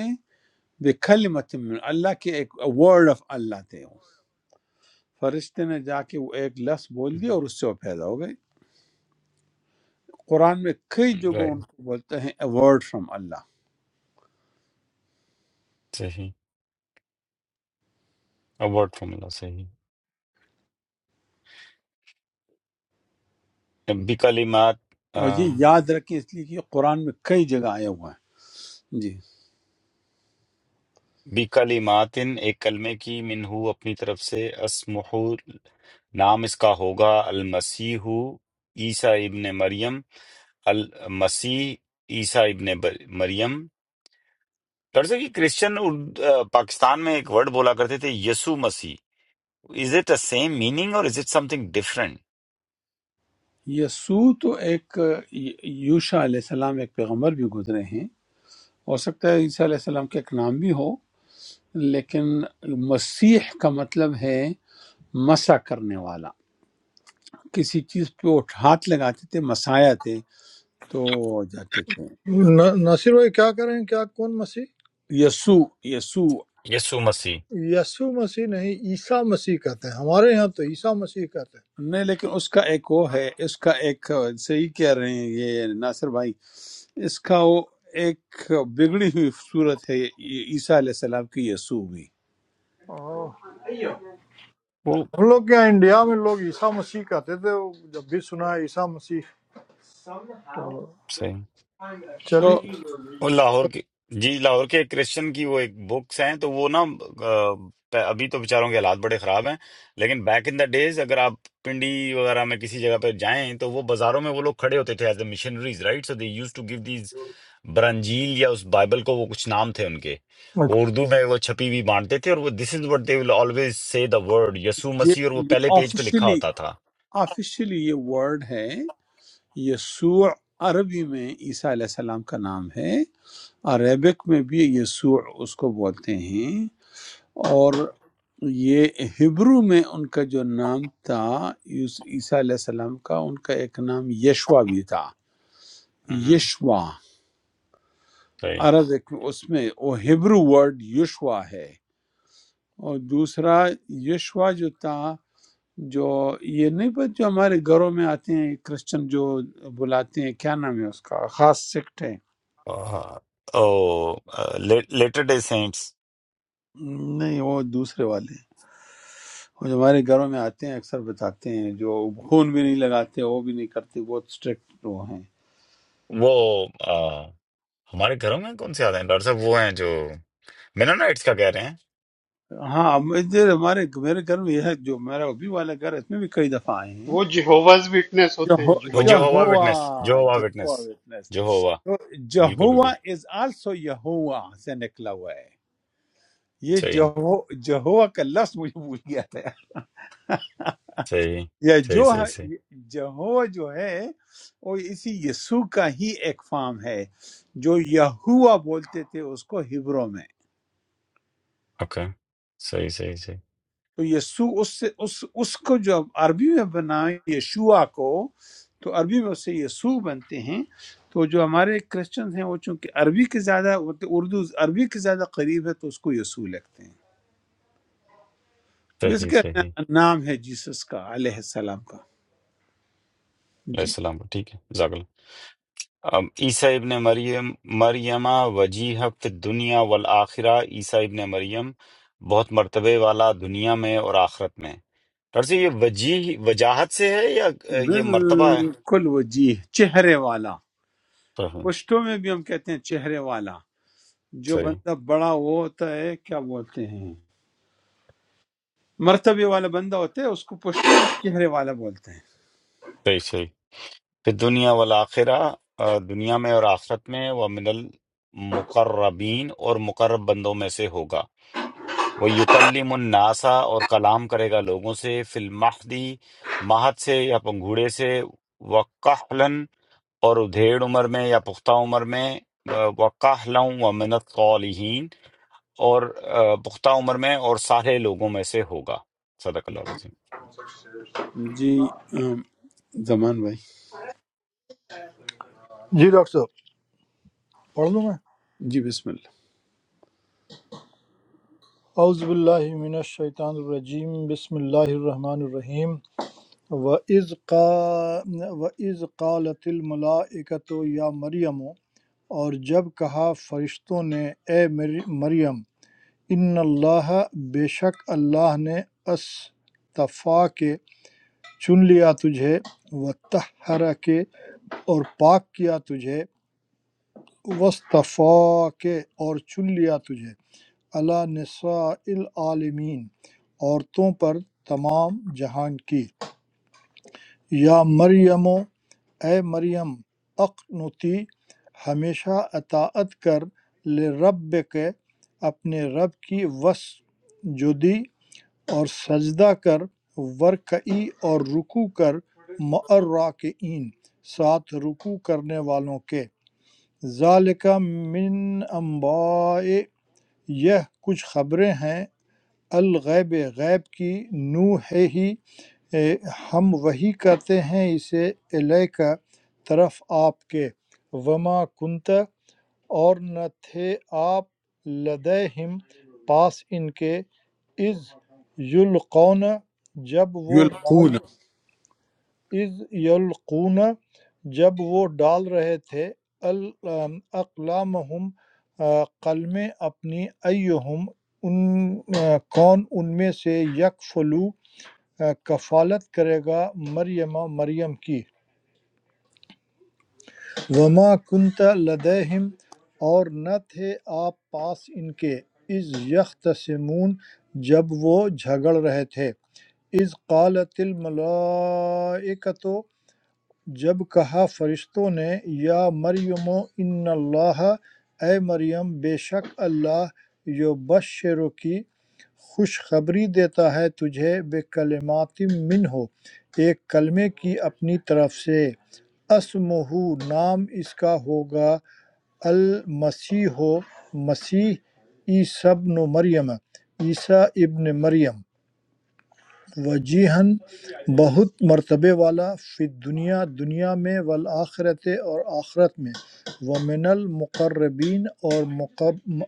بکلمت من اللہ کے ایک ورڈ آف اللہ تھے فرشتے نے جا کے وہ ایک لفظ بول دیا مہم۔ اور اس سے وہ پیدا ہو گئے قرآن میں کئی جگہوں ان رائٹ کو بولتے ہیں اے ورڈ فرام اللہ صحیح ابارٹ فرام اللہ صحیح بکلمات اور یہ یاد رکھیں اس لیے کہ یہ قرآن میں کئی جگہ آیا ہوا ہے جی بِکَلِمَاتٍ ایک کلمے کی منہو اپنی طرف سے اسمحو نام اس کا ہوگا المسیح عیسیٰ ابن مریم المسیح عیسیٰ ابن بر- مریم ڈاکٹر صاحب یہ کرسچن ارد- آ، پاکستان میں ایک ورڈ بولا کرتے تھے یسو مسیح is it a same meaning اور is it something different یسوع تو ایک یوشا علیہ السلام ایک پیغمبر بھی گزرے ہیں ہو سکتا ہے عیسیٰ علیہ السلام کا ایک نام بھی ہو لیکن مسیح کا مطلب ہے مسا کرنے والا کسی چیز پہ وہ ہاتھ لگاتے تھے مسایا تھے تو وہ ہو جاتے تھے ن- ناصر بھائی کیا کر رہے ہیں کیا کون مسیح یسوع یسوع یسو مسیح یسوع مسیح نہیں عیسیٰ مسیح کہتے ہیں ہمارے یہاں تو عیسیٰ مسیح کہتے ہیں نہیں لیکن اس کا ایک وہ ہے اس کا ایک صحیح کہہ رہے ہیں یہ ناصر بھائی اس کا وہ ایک بگڑی ہوئی صورت ہے یہ عیسیٰ علیہ السلام کی یسوع بھی اوہ، وہ ہم لوگ کے یہاں انڈیا میں لوگ عیسیٰ مسیح کہتے تھے وہ جب بھی سنا ہے عیسیٰ مسیح تو صحیح تو چلیے وہ لاہور کے جی لاہور کے ایک کرسچن کی وہ ایک بکس ہیں تو وہ نا آ، پ- ابھی تو بیچاروں کے حالات بڑے خراب ہیں لیکن بیک ان دا ڈیز اگر آپ پنڈی وغیرہ میں کسی جگہ پہ جائیں تو وہ بازاروں میں وہ لوگ کھڑے ہوتے تھے as a missionaries right so they used to give these برانجیل یا اس بائبل کو وہ کچھ نام تھے ان کے اچھا، وہ اردو میں وہ چھپی ہوئی بانٹتے تھے اور وہ دس is what they will always say the word یسوع یہ مسیح اور وہ یہ پہلے پیج پہ لکھا آفیشلی ہوتا تھا آفیشلی یہ ورڈ ہے یسوع عربی میں عیسیٰ علیہ السلام کا نام ہے عربک میں بھی یسوع اس کو بولتے ہیں اور یہ ہبرو میں ان کا جو نام تھا اس عیسیٰ علیہ السلام کا ان کا ایک نام یشوا بھی تھا مہم۔ یشوا صحیح عرض ایک اس میں وہ ہبرو ورڈ یشوا ہے اور دوسرا یشوا جو تھا جو یہ نہیں پتہ جو ہمارے گھروں میں آتے ہیں کرسچن جو بلاتے ہیں کیا نام ہے اس کا خاص سکٹ ہے لیٹر ڈے سینٹس نہیں وہ دوسرے والے ہیں وہ جو ہمارے گھروں میں آتے ہیں اکثر بتاتے ہیں جو خون بھی نہیں لگاتے وہ بھی نہیں کرتے بہت اسٹرکٹ وہ ہیں وہ ہمارے گھروں میں کون سے آتے ہیں ڈاکٹر صاحب وہ ہیں جو مینونائٹس کا کہہ رہے ہیں ہاں اب ادھر ہمارے میرے گھر میں یہ ہے جو میرا ابھی والا گھر ہے اس میں بھی کئی دفعہ آئے ہیں وہ جیہوواز وٹنس ہوتے ہیں وہ جو جیہوواز ہوا وٹنس۔ وٹنس جو Jehovah, ہوا وٹنس Jehovah witness. جو ہوا تو بالکل بالکل جہوا از آلسو یہوا سے نکلا ہوا ہے یہ صحیح جہو جہوا کا لفظ مجھے بھول گیا تھا صحیح یا صحیح جو صحیح صحیح ہے- جہوا جو ہے وہ اسی یسوع کا ہی ایک فارم ہے جو یہوا بولتے تھے اس کو ہبروں میں اوکے صحیح صحیح صحیح تو یسوع اس سے اس اس کو جو اب عربی میں بنائیں یشوع کو تو عربی میں اسے یسوع بنتے ہیں تو جو ہمارے کرسچن ہیں وہ چونکہ عربی کے زیادہ مطلب اردو عربی کے زیادہ قریب ہے تو اس کو یسوع لگتے ہیں اس صحیح کا صحیح نا- نام ہے جیسس کا علیہ السلام کا علیہ جی السلام کو، ٹھیک ہے جزاک اللہ اب عیسیٰ ابن مریم مریمہ وجیہ فی دنیا والآخرہ عیسیٰ ابن مریم بہت مرتبے والا دنیا میں اور آخرت میں ڈاکٹر صاحب یہ وجیح وجاہت سے ہے یا اہ، یہ مرتبہ ہے بالکل وجیح چہرے والا صحیح پشتوں میں بھی ہم کہتے ہیں چہرے والا جو صحیح بندہ بڑا وہ ہوتا ہے کیا بولتے ہیں مرتبے والا بندہ ہوتا ہے اس کو پشتوں میں چہرے والا بولتے ہیں صحیح صحیح فی دنیا والآخرہ آ، دنیا میں اور آخرت میں ومن المقربین اور مقرب بندوں میں سے ہوگا وہ یکلم الناسا اور کلام کرے گا لوگوں سے فی المہدی مہد سے یا پنگھوڑے سے وقحلن اور ادھیڑ عمر میں یا پختہ عمر میں وقحلن ومن الصالحین اور آ، پختہ عمر میں اور سارے لوگوں میں سے ہوگا صدق اللہ العظیم جی ام، زمان بھائی جی ڈاکٹر صاحب پڑھ لوں میں جی بسم اللہ اعوذ باللہ من الشیطان الرجیم بسم اللہ الرحمن الرحیم وَإِذْ قَا- وَإِذْ قَالَتِ الْمَلَائِكَةُ یا مریم اور جب کہا فرشتوں نے اے مری- مریم ان اللہ بے شک اللہ نے استفا کے چن لیا تجھے وطہر کے اور پاک کیا تجھے وصطفا کے اور چن لیا تجھے اللہ نساء العالمین عورتوں پر تمام جہان کی یا مریم اے مریم اقنتی ہمیشہ اطاعت کر لرب کے اپنے رب کی وس جدی اور سجدہ کر ورکعی اور رکوع کر معراکعین ساتھ رکوع کرنے والوں کے ذالک من انباء یہ کچھ خبریں ہیں الغیب غیب کی نوح ہی اے، ہم وہی کرتے ہیں اسے الہ کا طرف آپ کے وما کنت اور نہ تھے آپ لدہم پاس ان کے از یلقون جب وہ ڈال یلقون از یلقون جب وہ ڈال رہے تھے ال- اقلامہم قلمیں اپنی ایہم ان آ، کون ان میں سے یک آ، کفالت کرے گا مریم مریم کی وما کنت لدیہم اور نہ تھے آپ پاس ان کے از یختصمون جب وہ جھگڑ رہے تھے اذ قالت الملائکۃ جب کہا فرشتوں نے یا مریم ان اللہ اے مریم بے شک اللہ یبشر کی خوشخبری دیتا ہے تجھے بے کلمات من ہو ایک کلمے کی اپنی طرف سے اسمہ نام اس کا ہوگا المسیح ہو مسیح عیسی ابن مریم عیسیٰ ابن مریم وجیہن بہت مرتبے والا فی الدنیا دنیا میں والآخرت اور آخرت میں ومن المقربین اور مقب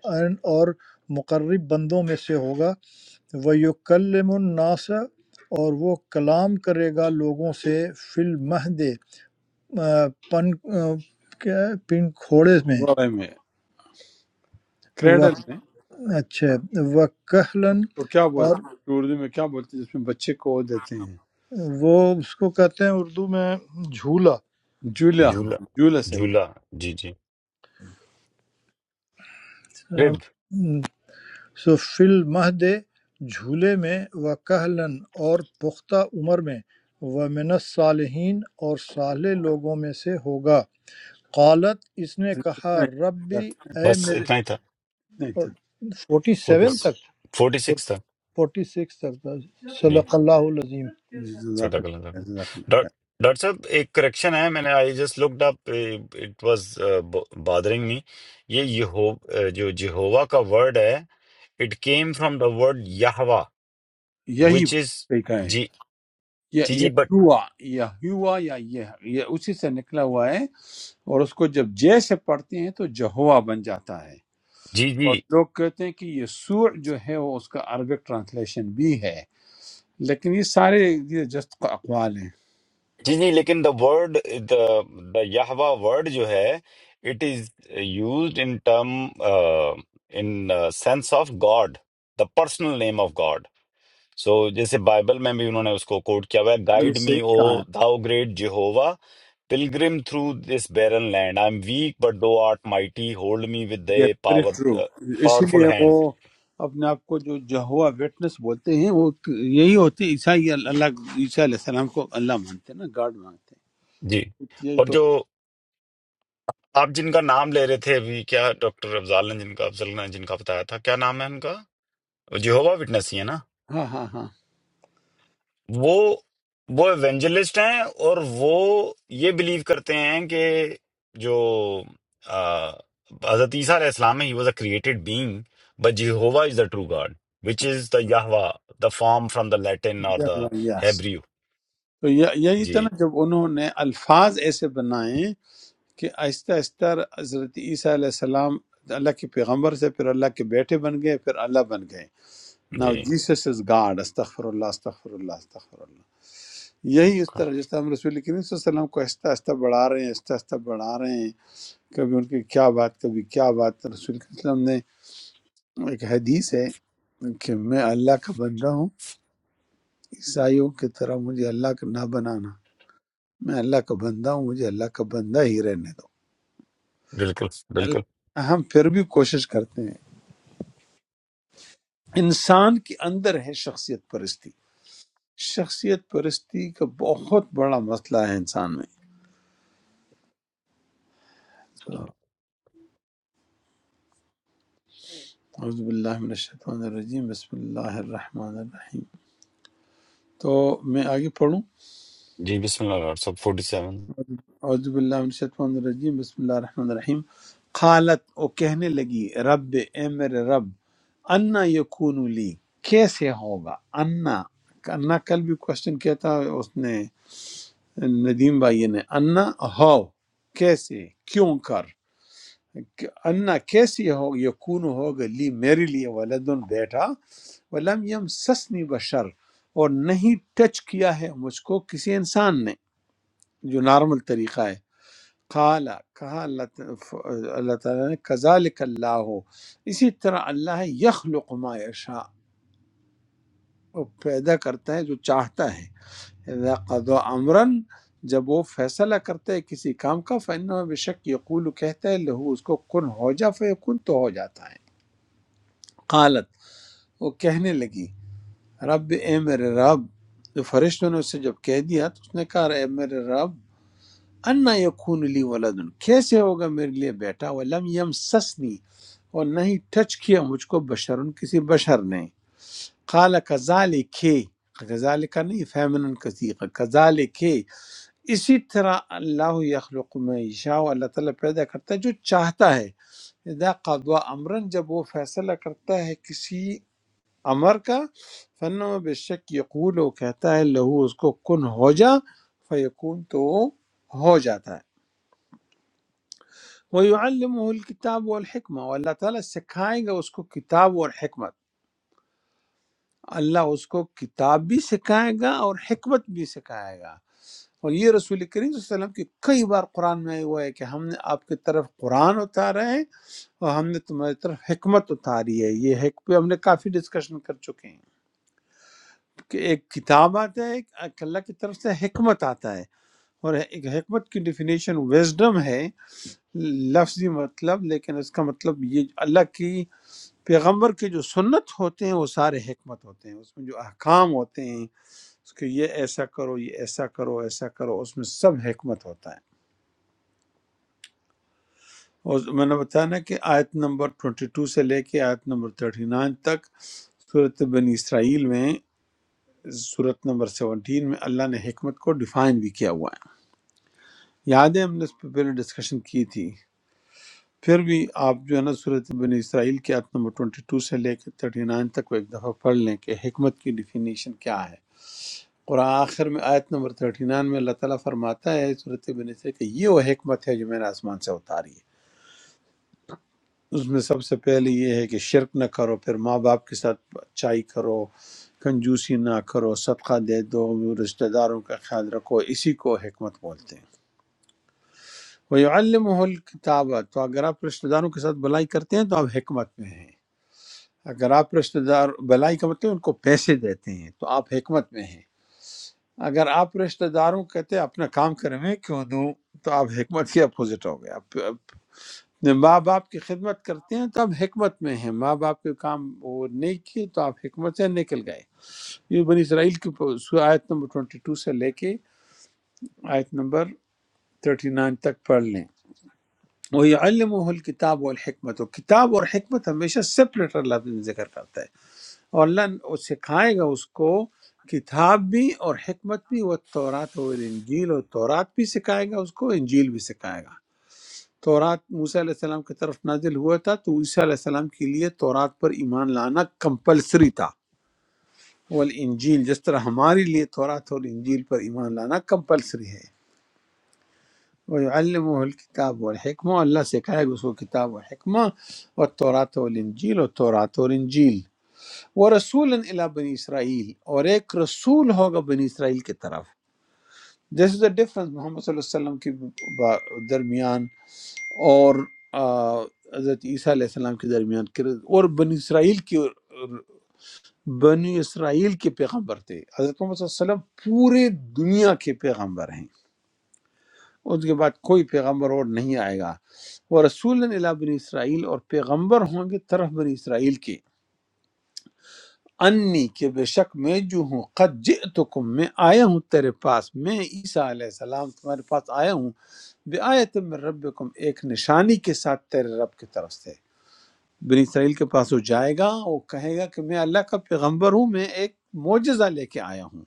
اور مقرب بندوں میں سے ہوگا ویکلم الناس اور وہ کلام کرے گا لوگوں سے فی المہد آ، پن آ، کیا ہے؟ پن کھوڑے میں بارے میں و کریڈل میں اچھا اس وکہلن کو کیا اور بولتے ہیں اردو میں کیا بولتے ہیں جس میں بچے کو وہ دیتے ہیں وہ اس کو کہتے ہیں اردو میں جھولا جولا ہاں جھولا جولا صحیح جھولا ہے جی جی رب سو فی المہد جھولے میں وکہلا اور پختہ عمر میں ومن الصالحین اور صالح لوگوں میں سے ہوگا قالت اس نے کہا اتنا ہی ربی جزاک- اے بس میرے اتنا ہی تھا اتنا ہی تھا فورٹی فورٹی سیون تک فورٹی سکس تھا فورٹی سکس تک تھا۔ جی صدق اللہ العظیم جی، جزاک صدق اللہ اللہ تعالیٰ خیر، جزاک اللہ ڈاک- خیر ڈاکٹر صاحب ایک کریکشن ہے میں نے I just looked up it was bothering me یہ یہو uh, جو جہوا کا ورڈ ہے it came from the word Yahweh یہی وچ از طریقہ ہے جی یہ جی یہ جی بٹ ہوا یا ہوا یا یہ یہ اسی سے نکلا ہوا ہے اور اس کو جب جے سے پڑھتے ہیں تو جہوا بن جاتا ہے جی جی اور لوگ کہتے ہیں کہ یسوع جو ہے وہ اس کا عربک ٹرانسلیشن بھی ہے لیکن یہ سارے یہ جست اقوال ہیں جی جی لیکن the word the the یہوا word جو ہے it is used in term in sense of God the personal name of God so جیسے بائبل میں بھی انہوں نے اس کو کوٹ کیا ہوا ہے یہ گائیڈ می صحیح او کہا thou great Jehovah pilgrim through this barren land I am weak but thou art mighty hold me with ہے دے یہ ویری پاور ٹرو اسی پاورفل لیے وہ ہینڈ اپنے آپ کو جو جہوا ویٹنس بولتے ہیں وہ یہی ہوتے ہیں، عیسائی اللہ عیسیٰ علیہ السلام کو اللہ مانتے ہیں نا گاڈ مانتے جی ہیں یہی اور تو جو آپ جن کا نام لے رہے تھے ابھی کیا ڈاکٹر افضال نے جن کا افضل نے جن کا بتایا تھا کیا نام ہے ان کا جہووا وٹنس ہی ہے نا ہاں ہاں ہاں وہ وہ ایونجلسٹ ہیں اور وہ یہ بلیو کرتے ہیں کہ جو آ، حضرت عیسیٰ علیہ السلام he was a created being but Jehovah is the true God which is the Yahweh the form from the Latin اور دا یس ہیبریو تو یہ- یہی تھا جی نا جب انہوں نے الفاظ ایسے بنائے کہ آہستہ آہستہ حضرت عیسیٰ علیہ السلام اللہ کے پیغمبر سے پھر اللہ کے بیٹے بن گئے پھر اللہ بن گئے ناؤ جی جیسس از گاڈ استغفر اللہ استغفر اللہ استغفر اللہ یہی اس طرح جس طرح ہم رسول کریم صلی اللہ علیہ وسلم کو آہستہ آہستہ بڑھا رہے ہیں آہستہ آہستہ بڑھا رہے ہیں کبھی ان کی کیا بات کبھی کیا بات رسول کریم صلی اللہ علیہ وسلم نے ایک حدیث ہے کہ میں اللہ کا بندہ ہوں عیسائیوں کی طرح مجھے اللہ کا نہ بنانا میں اللہ کا بندہ ہوں مجھے اللہ کا بندہ ہی رہنے دو بالکل بالکل اللہ- ہم پھر بھی کوشش کرتے ہیں انسان کے اندر ہے شخصیت پرستی شخصیت پرستی کا بہت بڑا مسئلہ ہے انسان میں اعوذ باللہ من الشیطان الرجیم بسم اللہ الرحمن الرحیم تو میں آگے پڑھوں جی بسم اللہ ڈاکٹر صاحب فورٹی سیون اعوذ باللہ من الشیطان الرجیم بسم اللہ الرحمن الرحیم قالت او کہنے لگی رب اے میرے رب انا یکون لی کیسے ہوگا انا انا کل بھی کوشچن کیا تھا اس نے ندیم بھائی نے انا ہو کیسے کیوں کر کہ انا کیسی ہو یکون ہوگا لی میرے لیے ولدن بیٹا ولم یم سسنی بشر اور نہیں ٹچ کیا ہے مجھ کو کسی انسان نے جو نارمل طریقہ ہے قال کہا اللہ ت- اللہ تعالیٰ نے کذالک اللہ ہو اسی طرح اللہ ہے، یخلق ما یشاء وہ پیدا کرتا ہے جو چاہتا ہے اذا قضا امرن جب وہ فیصلہ کرتا ہے کسی کام کا فإنه بشک یقول کہتا ہے لہو اس کو کن ہو جا فیکون تو ہو جاتا ہے قالت، وہ کہنے لگی رب اے میرے رب تو فرشتوں نے اسے جب کہہ دیا تو اس نے کہا اے میرے رب انا یکون لی ولدن کیسے ہوگا میرے لیے بیٹا ولم یمسسنی اور نہیں ٹچ کیا مجھ کو بشرن کسی بشر نے قال کذالک کذالک نہیں فیمنن کثیق کذالک اسی طرح اللہ یخلق میں یشاء اللہ تعالیٰ پیدا کرتا ہے جو چاہتا ہے اذا قضا امرن جب وہ فیصلہ کرتا ہے کسی امر کا فنما بے شک یقول وہ کہتا ہے لہو اس کو کن ہو جا فیکون تو وہ ہو جاتا ہے وَيُعَلِّمُهُ الْكِتَابُ وَالْحِكْمَةَ اور اللہ تعالیٰ سکھائے گا اس کو کتاب اور حکمت اللہ اس کو کتاب بھی سکھائے گا اور حکمت بھی سکھائے گا اور یہ رسول کریم صلی اللہ علیہ وسلم کی کئی بار قرآن میں ہوا ہے کہ ہم نے آپ کی طرف قرآن اتارا ہے اور ہم نے تمہاری طرف حکمت اتاری ہے یہ حکمت ہم نے کافی ڈسکشن کر چکے ہیں کہ ایک کتاب آتا ہے ایک اللہ کی طرف سے حکمت آتا ہے اور ایک حکمت کی ڈیفینیشن وزڈم ہے لفظی مطلب لیکن اس کا مطلب یہ اللہ کی پیغمبر کے جو سنت ہوتے ہیں وہ سارے حکمت ہوتے ہیں اس میں جو احکام ہوتے ہیں اس کے یہ ایسا کرو یہ ایسا کرو ایسا کرو اس میں سب حکمت ہوتا ہے اور میں نے بتایا نا کہ آیت نمبر 22 سے لے کے آیت نمبر 39 تک صورت بنی اسرائیل میں صورت نمبر 17 میں اللہ نے حکمت کو ڈیفائن بھی کیا ہوا ہے یاد ہے ہم نے اس پہ پہلے ڈسکشن کی تھی پھر بھی آپ جو ہے نا صورت بنی اسرائیل کی آیت نمبر 22 سے لے کے 39 تک کو ایک دفعہ پڑھ لیں کہ حکمت کی ڈیفینیشن کیا ہے اور آخر میں آیت نمبر 39 میں اللہ تعالیٰ فرماتا ہے صورت بنی اسرائیل کہ یہ وہ حکمت ہے جو میں نے آسمان سے اتاری ہے اس میں سب سے پہلے یہ ہے کہ شرک نہ کرو پھر ماں باپ کے ساتھ اچائی کرو کنجوسی نہ کرو صدقہ دے دو رشتہ داروں کا خیال رکھو اسی کو حکمت بولتے ہیں وَيُعَلِّمُهُ الْكِتَابَ تو اگر آپ رشتہ داروں کے ساتھ بلائی کرتے ہیں تو آپ حکمت میں ہیں اگر آپ رشتہ دار بلائی کا مطلب ان کو پیسے دیتے ہیں تو آپ حکمت میں ہیں اگر آپ رشتہ داروں کو کہتے ہیں اپنا کام کرے میں کیوں دوں تو آپ حکمت کے اپوزٹ ہو گئے آپ اپنے ماں باپ کی خدمت کرتے ہیں تو آپ حکمت میں ہیں ماں باپ کے کام وہ نہیں کیے تو آپ حکمت سے نکل گئے یہ بنی اسرائیل کی آیت نمبر 22 سے لے کے آیت نمبر 39 تک پڑھ لیں وَيَعَلِّمُهُ الْكِتَابُ وَالْحِکْمَةُ کتاب اور حکمت ہمیشہ سپریٹ اللہ تعالیٰ ذکر کرتا ہے اور اللہ نے- وہ سکھائے گا اس کو کتاب بھی اور حکمت بھی وہ تورات اور انجیل اور تورات بھی سکھائے گا اس کو انجیل بھی سکھائے گا تورات موسیٰ علیہ السلام کی طرف نازل ہوا تھا تو عیسیٰ علیہ السلام کے لیے تورات پر ایمان لانا کمپلسری تھا والانجیل جس طرح ہمارے لیے تورات اور انجیل پر ایمان لانا کمپلسری ہے وَيُعَلِّمُهُ الْكِتَابَ وَالْحِكْمَةَ اللہ سکھائے گا اس کو کتاب و حکمہ اور تورات اور انجیل اور تورات اور انجیل وہ رسول الا بنی اسرائیل اور ایک رسول ہوگا بنی اسرائیل کی طرف دس از اے ڈفرنس محمد صلی اللہ علیہ وسلم کے با- درمیان اور آ، حضرت عیسیٰ علیہ السلام کے درمیان کہ اور بنی اسرائیل کی بنی اسرائیل کے پیغمبر تھے حضرت محمد صلی اللہ علیہ وسلم پورے دنیا کے پیغمبر ہیں اس کے بعد کوئی پیغمبر اور نہیں آئے گا وہ رسول اللہ بنی اسرائیل اور پیغمبر ہوں گے طرف بنی اسرائیل کے انی کہ بے شک میں جو ہوں قد جئتکم میں آیا ہوں تیرے پاس میں عیسیٰ علیہ السلام تمہارے پاس آیا ہوں بے آیت من ربکم ایک نشانی کے ساتھ تیرے رب کی طرف سے بنی اسرائیل کے پاس وہ جائے گا وہ کہے گا کہ میں اللہ کا پیغمبر ہوں میں ایک معجزہ لے کے آیا ہوں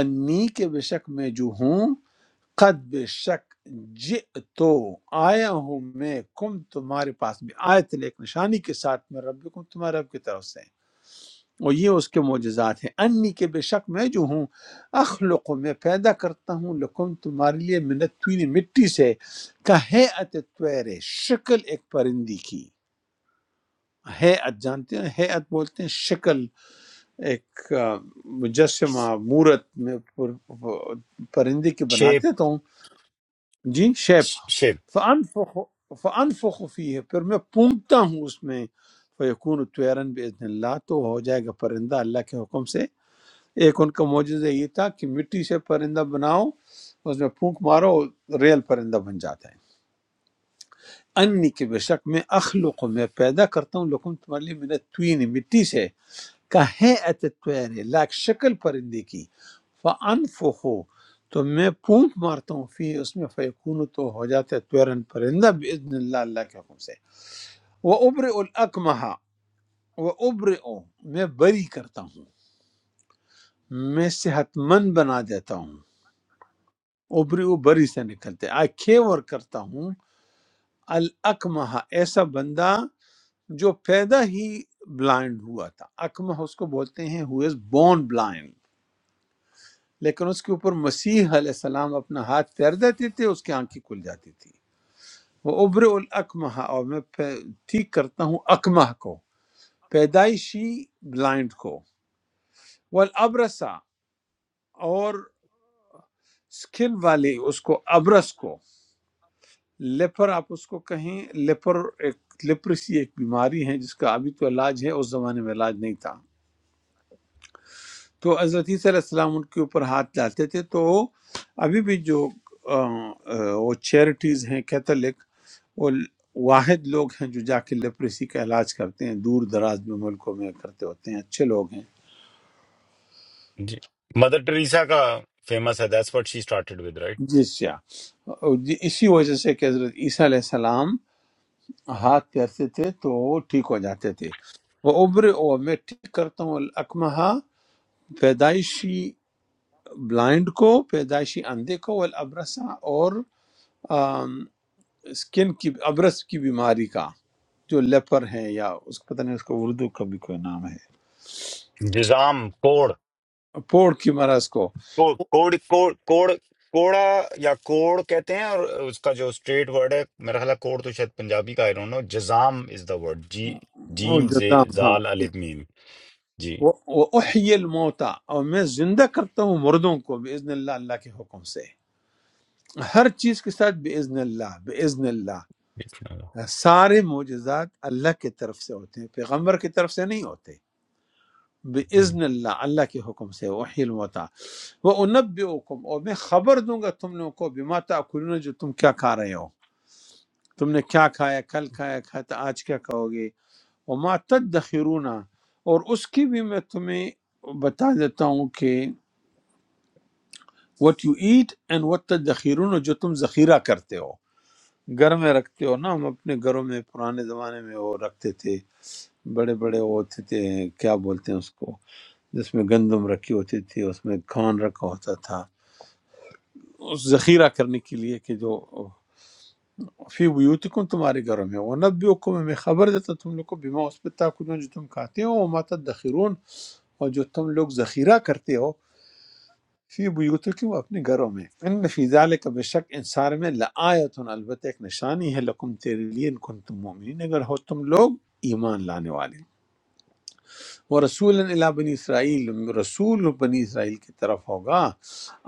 انی کہ بے شک میں جو ہوں قد بے شک جئتو آیا ہوں میں کم تمہارے پاس بھی آیت ایک نشانی کے ساتھ میں ربکم تمہارے رب کی طرف سے اور یہ اس کے معجزات ہیں انی کے بے شک میں جو ہوں اخلق میں پیدا کرتا ہوں لکم تمہارے لیے منت تین مٹی سے کا ہے طیرے شکل ایک پرندی کی ہے جانتے ہیں ہے بولتے ہیں شکل ایک آ، مجسمہ مورت میں پر- پر- پرندے کی شیپ بناتے ہیں تو جی شیپ شیپ فانفخ فانفخ فی ہے پھر میں پونگتا ہوں اس میں فیکون طیرن باذن اللہ تو ہو جائے گا پرندہ اللہ کے حکم سے ایک ان کا معجزہ یہ تھا کہ مٹی سے پرندہ بناؤ اس میں پھونک مارو ریل پرندہ بن جاتا ہے انی کے بے شک میں اخلق میں پیدا کرتا ہوں لکم تمہارے لیے من الطین مٹی سے کا ہے اتتویر لاک شکل پرندے کی فانفخو تو میں پونک مارتا ہوں فی اس میں فیکون تو ہو جاتا ہے تویرن پرندہ باذن اللہ اللہ کے حکم سے وہ ابر الاکمہ وہ ابر میں بری کرتا ہوں میں صحت مند بنا دیتا ہوں ابری وہ بری سے نکلتے آئی کھیور کرتا ہوں الاکمہ ایسا بندہ جو پیدا ہی بلائنڈ ہوا تھا اکمہ اس کو بولتے ہیں ہو از بورن بلائنڈ لیکن اس کے اوپر مسیح علیہ السلام اپنا ہاتھ پھیر دیتے تھے اس کی آنکھیں کھل جاتی تھی وہ ابر الاکمہ اور میں پہ- ٹھیک کرتا ہوں اکمہ کو پیدائشی بلائنڈ کو والابرسا اور سکن والے اس کو ابرس کو لیپر آپ اس کو کہیں لیپر ایک لیپرسی ایک بیماری ہے جس کا ابھی تو علاج ہے اس زمانے میں علاج نہیں تھا تو حضرت عیسیٰ علیہ السلام ان کے اوپر ہاتھ ڈالتے تھے تو ابھی بھی جو آ، آ، وہ چیریٹیز ہیں کیتھولک، وہ واحد لوگ ہیں جو جا کے لیپریسی کا علاج کرتے ہیں دور دراز میں ملکوں میں کرتے ہوتے ہیں اچھے لوگ ہیں جی مدر ٹریسا کا فیمس ہے that's what she started with right جی سیا اسی وجہ سے کہ حضرت عیسیٰ علیہ السلام ہاتھ پھیرتے تھے تو وہ ٹھیک ہو جاتے تھے وہ ابر او میں ٹھیک کرتا ہوں الکمہ پیدائشی بلائنڈ کو پیدائشی اندھے کو والابرسا اور آم، سکن کی ابرس کی بیماری کا جو لیپر ہے یا اس کو پتہ نہیں اس کو اردو کا بھی کوئی نام ہے نظام کوڑ پوڑ کی مرض کو کو- کوڑ کوڑ کوڑ کوڑا یا کوڑ کہتے ہیں اور اس کا جو اسٹریٹ ورڈ ہے میرا خیال ہے کوڑ تو شاید پنجابی کا I don't know جزام is the word جی وہ جیم زے جزام ہاں زال الف میم جی وہ وہ احیی الموتا اور میں زندہ کرتا ہوں مردوں کو باذن اللہ اللہ کے حکم سے ہر چیز کے ساتھ باذن اللہ باذن اللہ سارے معجزات اللہ کی طرف سے ہوتے ہیں پیغمبر کی طرف سے نہیں ہوتے باذن اللہ اللہ کے حکم سے وحی الموتا وہ انبئکم اور میں خبر دوں گا تم لوگوں کو بما تاکلون جو تم کیا کھا رہے ہو تم نے کیا کھایا کل کھایا کھایا تو آج کیا کھاؤ گے وما تدخرون اور اس کی بھی میں تمہیں بتا دیتا ہوں کہ what you eat and what تدخرون جو تم ذخیرہ کرتے ہو گھر میں رکھتے ہو نا ہم اپنے گھروں میں پرانے زمانے میں وہ رکھتے تھے بڑے بڑے وہ ہوتے تھے کیا بولتے ہیں اس کو جس میں گندم رکھی ہوتی تھی اس میں کھان رکھا ہوتا تھا اس ذخیرہ کرنے کے لیے کہ جو فی بیوتکم تمہارے گھروں میں وہ نبیوکم میں خبر دیتا تم لوگ کو بیما اس پہ تاکلون جو تم کھاتے ہو وما تدخرون اور جو تم لوگ ذخیرہ کرتے ہو فی بیوتکم اپنے گھروں میں ان فی ذالک بے شک انصار میں لآیتن البتہ ایک نشانی ہے لکم تیرے لیے ان کنتم مومنین اگر ہو تم لوگ ایمان لانے والے وہ رسول اللہ بنی اسرائیل رسول بنی اسرائیل کی طرف ہوگا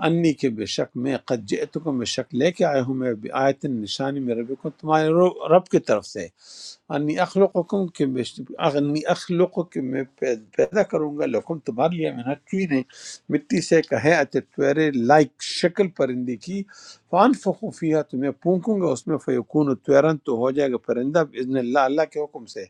انی کے بے شک میں قد جئتکم بے شک لے کے آیا ہوں میں آیت نشانی میں رب کو تمہارے رو- رب کی طرف سے انی اخلقکم کہ بے شک- انی اخلق کہ میں پید- پیدا کروں گا لکم تمہارے لیے محنت کی نہیں مٹی سے کہے اتویرے لائک شکل پرندے کی فان فخوفیہ تمہیں پونکوں گا اس میں فیقون تیرن تو ہو جائے گا پرندہ باذن اللہ اللہ کے حکم سے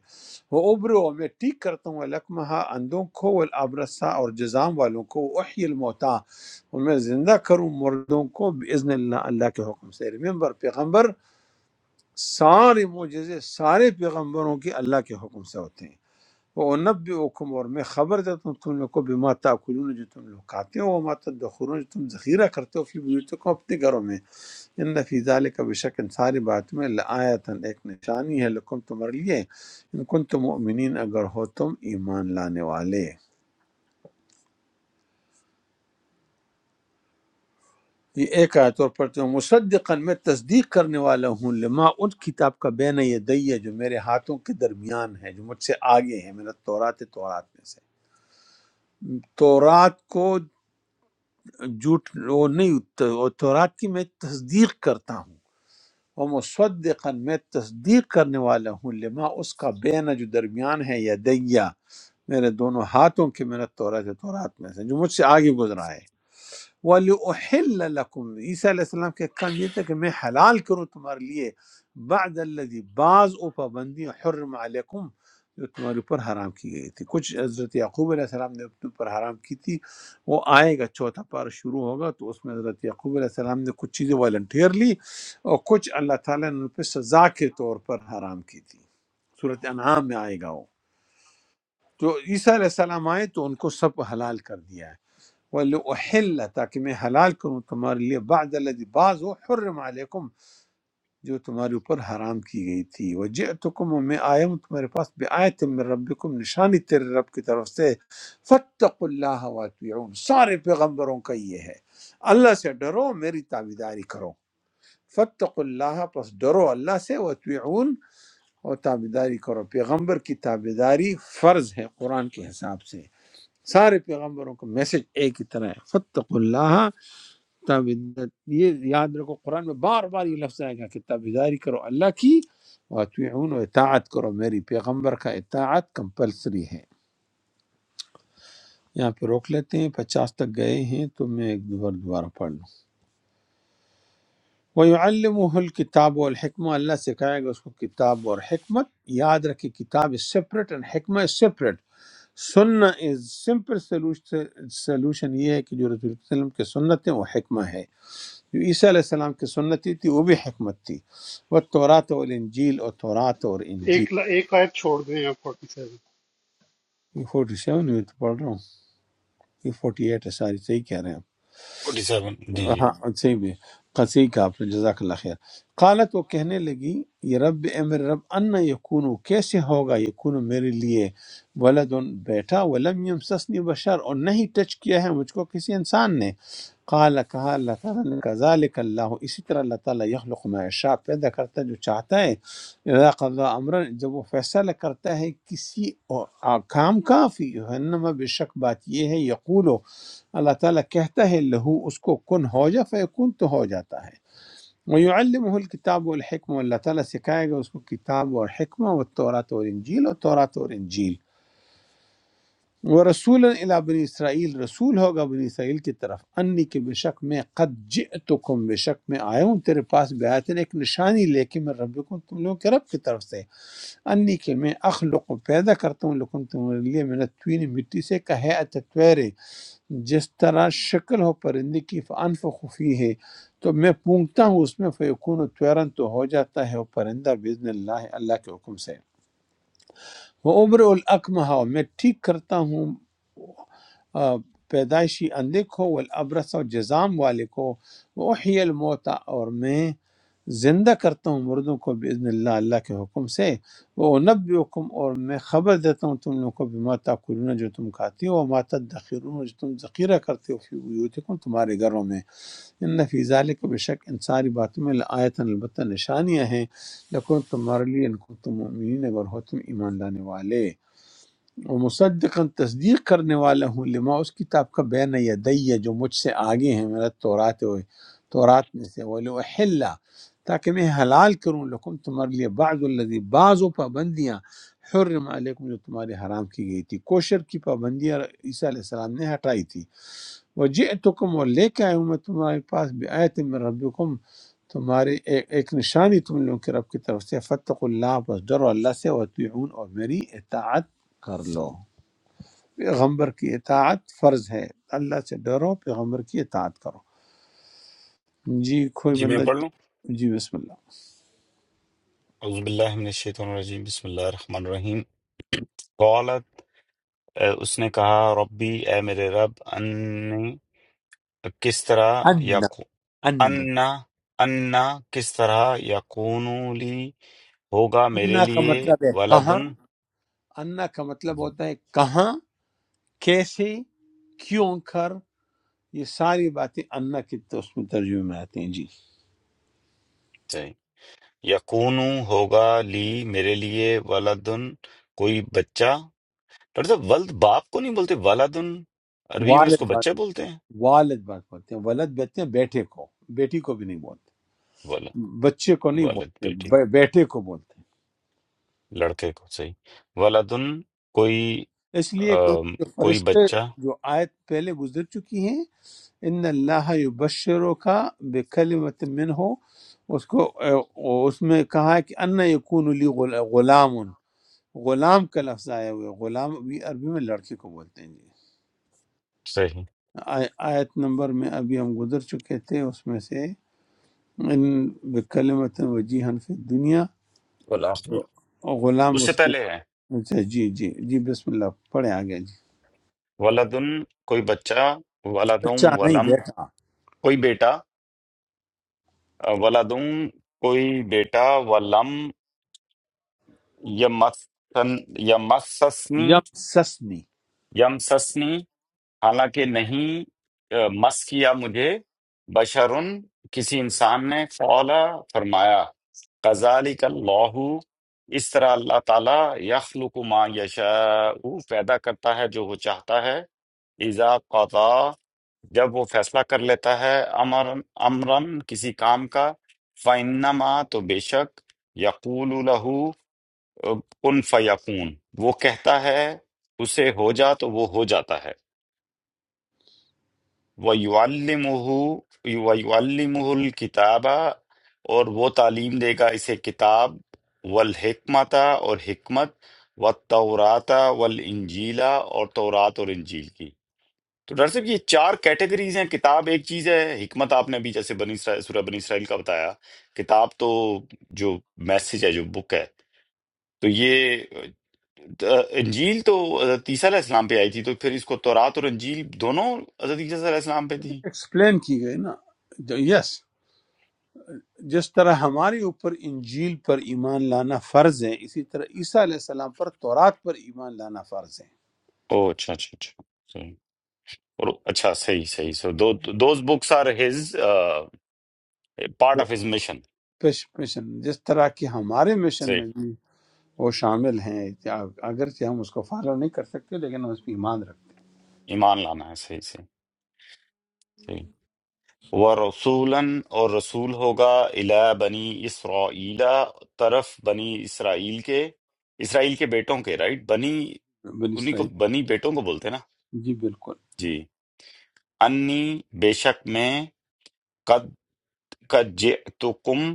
وہ ابرو میں ٹھیک کرتا ہوں لکمہ اندوں کو والابرسا اور جزام والوں کو احی الموتا اور میں زندہ کروں مردوں کو باذن اللہ اللہ کے حکم سے ریممبر پیغمبر سارے معجزے سارے پیغمبروں کے اللہ کے حکم سے ہوتے ہیں وہ نب حکم اور میں خبر دیتا ہوں تم لوگ کو بما تاکلون جو تم لوگ کھاتے ہو وما تدخرون جو تم ذخیرہ کرتے ہو فی بیوتکم اپنے گھروں میں ان فی ذالک بے شک ان ساری بات میں لآیتن ایک نشانی ہے لکم تمہارے لیے ان کن تم مؤمنین اگر ہو تم ایمان لانے والے یہ ایک آیت اور پڑھتے ہوں مصدقا میں تصدیق کرنے والا ہوں لما ان کتاب کا بین یدی ہے جو میرے ہاتھوں کے درمیان ہے جو مجھ سے آگے ہے میرا تورات ہے، تورات میں سے تورات کو جھوٹ وہ نہیں وہ تورات کی میں تصدیق کرتا ہوں وہ مصدقا میں تصدیق کرنے والا ہوں لما اس کا بین جو درمیان ہے یدیہ میرے دونوں ہاتھوں کی محنت تورات ہے تورات میں سے جو مجھ سے آگے گزرا ہے وَلِأُحِلَّ لَكُمْ عیسیٰ علیہ السلام کے کام یہ تھا کہ میں حلال کروں تمہارے لیے بعد الذی بعض او پابندی حرم علیکم جو تمہارے اوپر حرام کی گئی تھی کچھ حضرت یعقوب علیہ السلام نے اپنے اوپر حرام کی تھی وہ آئے گا چوتھا پار شروع ہوگا تو اس میں حضرت یعقوب علیہ السلام نے کچھ چیزیں والنٹیرلی اور کچھ اللہ تعالیٰ نے ان پہ سزا کے طور پر حرام کی تھی صورت انعام میں آئے گا وہ تو عیسیٰ علیہ السلام آئے تو ان کو سب حلال کر دیا ہے وَلِأُحِلَّ تاکہ میں حلال کروں تمہارے لیے بعد الذی بعض وہ حرم علیکم جو تمہارے اوپر حرام کی گئی تھی وجئتکم اور میں آیا ہوں تمہارے پاس بآیت من ربکم نشانی تیرے رب کی طرف سے فاتقوا اللہ واتبعون سارے پیغمبروں کا یہ ہے اللہ سے ڈرو میری تابعداری کرو فاتقوا اللہ پس ڈرو اللہ سے واتبعون اور تابعداری کرو پیغمبر کی تابعداری فرض ہے قرآن کے حساب سے سارے پیغمبروں کا میسج ایک ہی طرح ہے فتق اللہ تابعدت یہ یاد رکھو قرآن میں بار بار یہ لفظ آئے گا کہ تابعداری کرو اللہ کی واتعون و اطاعت کرو میری پیغمبر کا اطاعت کمپلسری ہے یہاں پہ روک لیتے ہیں پچاس تک گئے ہیں تو میں ایک دوبارہ دوبارہ پڑھ لوں وَيُعَلِّمُهُ الْكِتَابُ وَالْحِكْمَةِ اللہ سکھائے گا اس کو کتاب اور حکمت یاد رکھے کتاب is separate and حکمہ is separate سنہ is simple solution solution یہ ہے کہ جو رسول صلی اللہ علیہ وسلم کے سنت ہیں وہ حکمہ ہے جو عیسیٰ علیہ السلام کی سنتی تھی وہ بھی حکمت تھی وہ تورات اور انجیل اور تورات اور ایک انجیل ایک آیت چھوڑ دیں یا 47 یہ فورٹی سیون میں تو پڑھ رہا ہوں یہ فورٹی ایٹ ہے ساری صحیح کہہ رہے ہیں فورٹی سیون جی جی ہاں صحیح بھی قصی کا آپ نے جزاک اللہ خیر قالت وہ کہنے لگی یہ رب اے میرے رب انا یکونو کیسے ہوگا یکونو میرے لیے ولد بیٹا ولم یمسسنی بشر اور نہیں ٹچ کیا ہے مجھ کو کسی انسان نے قال کہا اللہ تعالیٰ نے کذالک اللہ اسی طرح اللہ تعالیٰ یخلق ما یشاء پیدا کرتا ہے جو چاہتا ہے اذا قضا امرا جب وہ فیصلہ کرتا ہے کسی اور- آ- کام کا فی انما بے شک بات یہ ہے یقولو اللہ تعالیٰ کہتا ہے لہو اس کو کن ہو جا فیکون تو ہو جاتا ہے وَيُعَلِّمُهُ الْكِتَابُ والحکم اللہ تعالیٰ سکھائے گا اس کو کتاب اور حکمہ و تورات اور انجیل اور تورات اور انجیل وہ رسول الا بنی اسرائیل رسول ہوگا بنی اسرائیل کی طرف انی کے بے شک میں قد جئتکم بے شک میں آیا ہوں تیرے پاس بیاتن ایک نشانی لے کے میں ربکم تم لوگوں کے رب کی طرف سے انی کے میں اخلق پیدا کرتا ہوں لکم تمہارے لیے میں نے توین مٹی سے کہے اتتویرے جس طرح شکل ہو پرندے کی فانفخ فی ہے تو میں پونگتا ہوں اس میں فیکون طیرن تو ہو جاتا ہے وہ پرندہ باذن اللہ اللہ کے حکم سے وہ عمر الاقمہ میں ٹھیک کرتا ہوں آ، پیدائشی اندھے کو والابرس اور جزام والے کو وحی الموتا اور میں زندہ کرتا ہوں مردوں کو باذن اللہ اللہ کے حکم سے وہ نب حکم اور میں خبر دیتا ہوں تم لوگوں کو بما تاکلون جو تم کھاتی ہو وما تدخرون جو تم ذخیرہ کرتے ہو فی بیوتکم تمہارے گھروں میں ان فی ذالک بے شک ان ساری باتوں میں لآیت البتہ نشانیاں ہیں لکن تمہارے لیے ان کو تم مومنین اگر ہو تم ایمان لانے والے اور مصدقاً تصدیق کرنے والا ہوں لما اس کتاب کا بین یدیہ جو مجھ سے آگے ہیں میرا تورات ہوئے تورات میں سے وَلِأُحِلَّ تاکہ میں حلال کروں لکم تمہارے لیے بعض الذی بعض و پابندیاں حرم علیکم جو تمہارے حرام کی گئی تھی کوشر کی پابندیاں عیسیٰ علیہ السلام نے ہٹائی تھی وجئتکم اور لے کے آیا ہوں میں تمہارے پاس بآیت من ربکم تمہارے ایک, ایک نشانی تم لوگوں کے رب کی طرف سے فتق اللہ بس ڈرو اللہ سے وطیعون اور میری اطاعت کر لو پیغمبر کی اطاعت فرض ہے اللہ سے ڈرو پیغمبر کی اطاعت کرو جی کوئی جی میں بندہ پڑھ لوں جی بسم اللہ اعوذ باللہ من الشیطان الرجیم بسم اللہ الرحمن الرحیم قالت اے، اس نے کہا ربی اے میرے رب انی کس طرح یا ان انا انا کس طرح یقون لی ہوگا میرے انا کا لیے مطلب ہے کہاں ولدن انا کا مطلب جی ہوتا ہے کہاں کیسے کیوں کر یہ ساری باتیں انا کے تو اس میں ترجمے میں آتی ہیں جی صحیح یقون ہوگا لی میرے لیے ولدن کوئی بچہ ڈاکٹر صاحب ولد باپ کو نہیں بولتے ولدن عربی میں اس کو والد بات بچہ بولتے ہیں والد بات بولتے ہیں ولد بولتے ہیں بیٹے کو بیٹی کو بھی نہیں بولتے ولد بچے کو نہیں والد بولتے بیٹی ب- کو بیٹے کو بولتے لڑکے کو صحیح ولدن کوئی ہیں اس لیے کہ ان آم، کے کوئی فرشتے بچہ جو آیت پہلے گزر چکی ہیں ان اللہ یبشرو کا بکلمت من ہو اس کو اے، اس میں کہا ہے کہ ان یکون لی غل- غلام غلام کا لفظ آیا ہوا ہے غلام ابھی عربی میں لڑکے کو بولتے ہیں جی صحیح آی- آیت نمبر میں ابھی ہم گزر چکے تھے اس میں سے ان بکلمت وجیہن فی دنیا ولد غلام اس سے اس میں پہلے ہے اچھا، جی جی جی بسم اللہ پڑھے آگے جی ولدن کوئی بچہ ولدن بچہ نہیں ولم بیٹا کوئی بیٹا آ، ولدن کوئی بیٹا ولم یمسن یمسسنی یم سسنی یمسسنی حالانکہ نہیں اہ، مس کیا مجھے بشرن کسی انسان نے قال فرمایا کذالک اللہ اس طرح اللہ تعالی یخلق ما یشاء پیدا کرتا ہے جو وہ چاہتا ہے اذا قضا جب وہ فیصلہ کر لیتا ہے امر امرن کسی کام کا فَإِنَّمَا تو بے شک یقول له، کن فیکون وہ کہتا ہے اسے ہو جا تو وہ ہو جاتا ہے وَيُعَلِّمُهُ وَيُعَلِّمُهُ الْكِتَابَ اور وہ تعلیم دے گا اسے کتاب والحکمت اور حکمت والتورات والانجیل اور تورات اور انجیل کی تو ڈاکٹر صاحب یہ چار کیٹیگریز ہیں کتاب ایک چیز ہے حکمت آپ نے ابھی جیسے بنی اسرائیل سورہ بنی اسرائیل کا بتایا کتاب تو جو میسج ہے جو بک ہے تو یہ انجیل تو حضرت عیسیٰ علیہ السلام پہ آئی تھی تو پھر اس کو تورات اور انجیل دونوں حضرت عیسیٰ علیہ السلام پہ تھی ایکسپلین کی گئی نا یس جس طرح ہمارے اوپر انجیل پر ایمان لانا فرض ہے اسی طرح عیسیٰ علیہ السلام پر تورات پر ایمان لانا فرض ہے او اچھا اچھا اچھا صحیح اور اچھا صحیح صحیح سو دو those books are his part of his mission پش- مشن جس طرح کہ ہمارے مشن صحیح میں بھی وہ شامل ہیں اگرچہ ہم اس کو فالو نہیں کر سکتے لیکن ہم اس پہ ایمان رکھتے ایمان لانا ہے صحیح صحیح صحیح ورسولاً اور رسول ہوگا الی بنی اسرائیل طرف بنی اسرائیل کے اسرائیل کے بیٹوں کے رائٹ بنی ہیں بن انہی کو اسرائیل بنی بیٹوں کو بولتے ہیں نا جی بالکل جی انی بے شک میں قَدْ جِئْتُکُم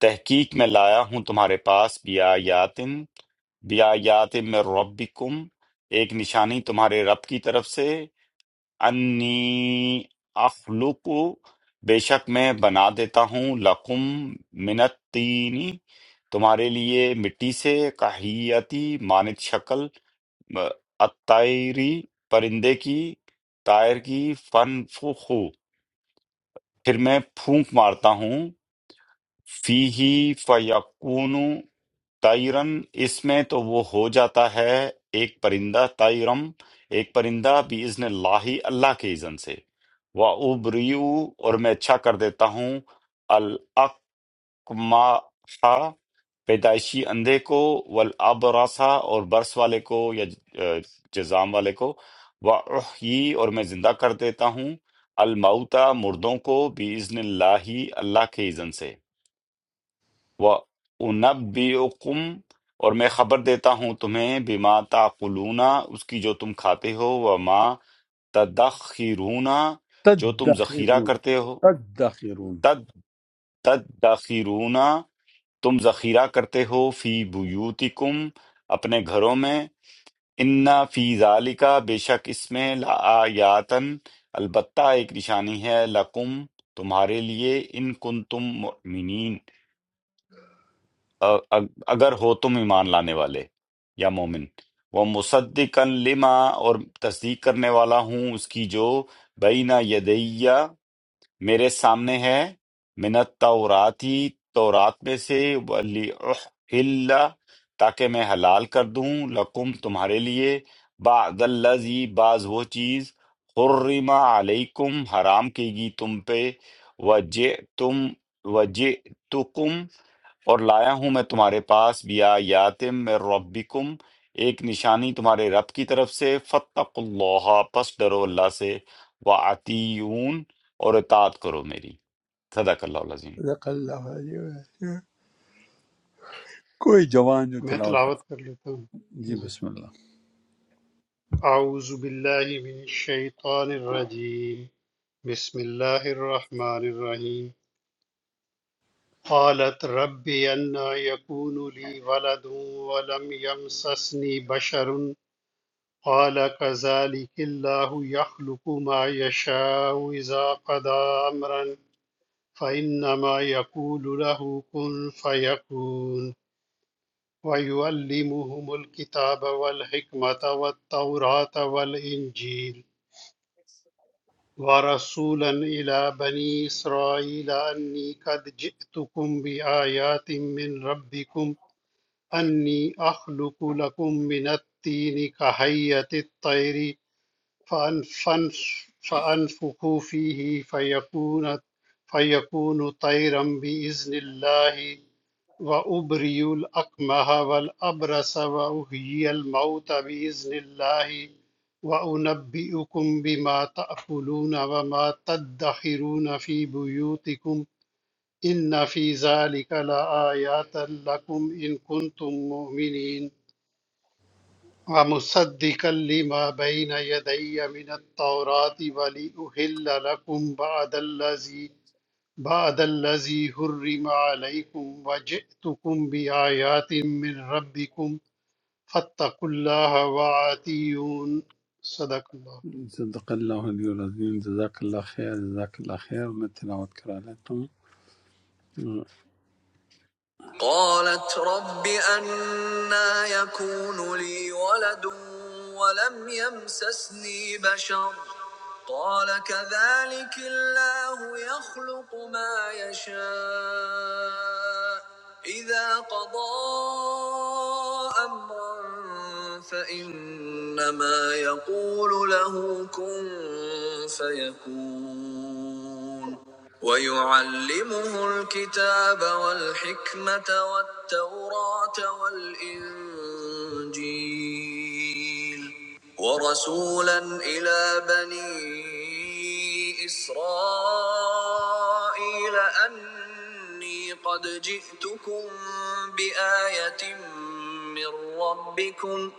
تحقیق میں لایا ہوں تمہارے پاس بیایاتن بیایات من ربکم ایک نشانی تمہارے رب کی طرف سے انی اخلق بے شک میں بنا دیتا ہوں لکم من الطینی تمہارے لیے مٹی سے کاہیتی مانت شکل اتائری پرندے کی طائر کی فن پھر میں پھونک مارتا ہوں فِيهِ فَيَكُونُ طَيْرًا اس میں تو وہ ہو جاتا ہے ایک پرندہ طَيْرًا ایک پرندہ بِإِذْنِ اللَّهِ اللہ کے اذن سے وَأُبْرِئُ اور میں اچھا کر دیتا ہوں الْأَقْمَحَ پیدائشی اندھے کو والابرص اور برس والے کو یا ج- جزام والے کو وَأُحْيِي اور میں زندہ کر دیتا ہوں الموتى مردوں کو بِإِذْنِ اللَّهِ اللہ کے اذن سے وَأُنَبِّئُكُمْ اور میں خبر دیتا ہوں تمہیں بما تعقلون اس کی جو تم کھاتے ہو وما تدخرون جو تم ذخیرہ تدخرون کرتے ہو تدخرون تد تدخرون تم ذخیرہ کرتے ہو فی بیوتکم اپنے گھروں میں انا فی ذالک بے شک اس میں لآیاتن البتہ ایک نشانی ہے لکم تمہارے لیے ان کنتم مؤمنین اَ- اَ- اگر ہو تم ایمان لانے والے یا مومن وہ مصدقن لما اور تصدیق کرنے والا ہوں اس کی جو بین یدیہ میرے سامنے ہے من التوراتی تورات میں سے وَلِأُحِلَّ تاکہ میں حلال کر دوں لکم تمہارے لیے بعد الذی بعض وہ چیز حرم علیکم حرام کی گی تم پہ وجئتم وجئتکم اور لایا ہوں میں تمہارے پاس بیا یاتم میں ربکم ایک نشانی تمہارے رب کی طرف سے فتق اللہ پس ڈرو اللہ سے وعتیون اور اطاعت کرو میری صدق اللہ العظیم صدق اللہ علیہ وسلم کوئی جوان جو میں تلاوت تلاوت کرے۔ کر لیتا ہوں جی جی بسم اللہ اعوذ باللہ من الشیطان الرجیم بسم اللہ الرحمن الرحیم قالت رب انا يكون لي ولد ولم يمسسني بشر قال كذلك الله يخلق ما يشاء إذا قضى أمرا فإنما يقول له كن فيكون ويعلمهم الكتاب والحكمة والتوراة والإنجيل ورسولا إلى بني إسرائيل أني قد جئتكم بآيات من ربكم أني أخلق لكم من الطين كهيئة الطير فأن فأنف- فأنفخوا فيه فيكون فيكون طيرا بإذن الله وأبرئ الأكمه والأبرص وأحيي الموت بإذن الله وأنبئكم بما تأكلون وما تدخرون في بيوتكم إن في ذلك لآيات لكم إن كنتم مؤمنين ومصدقا لما بين يدي من التوراة ولأحل لكم بعد الذي بعد الذي حرم عليكم وجئتكم بآيات من ربكم فاتقوا الله وآتيون صدق اللہ صدق الله العظيم جزاك الله خير جزاك الله خير میں تلاوت کرا لیتا ہوں قالت رب أنا يكون لي ولد ولم يمسسني بشر قال كذلك الله يخلق ما يشاء إذا قضى أمرا فإنما يقول له كن فيكون ويعلمه الكتاب والحكمة والتوراة والإنجيل ورسولا إلى بني إسرائيل قبل أني قد جئتكم بآية من ربكم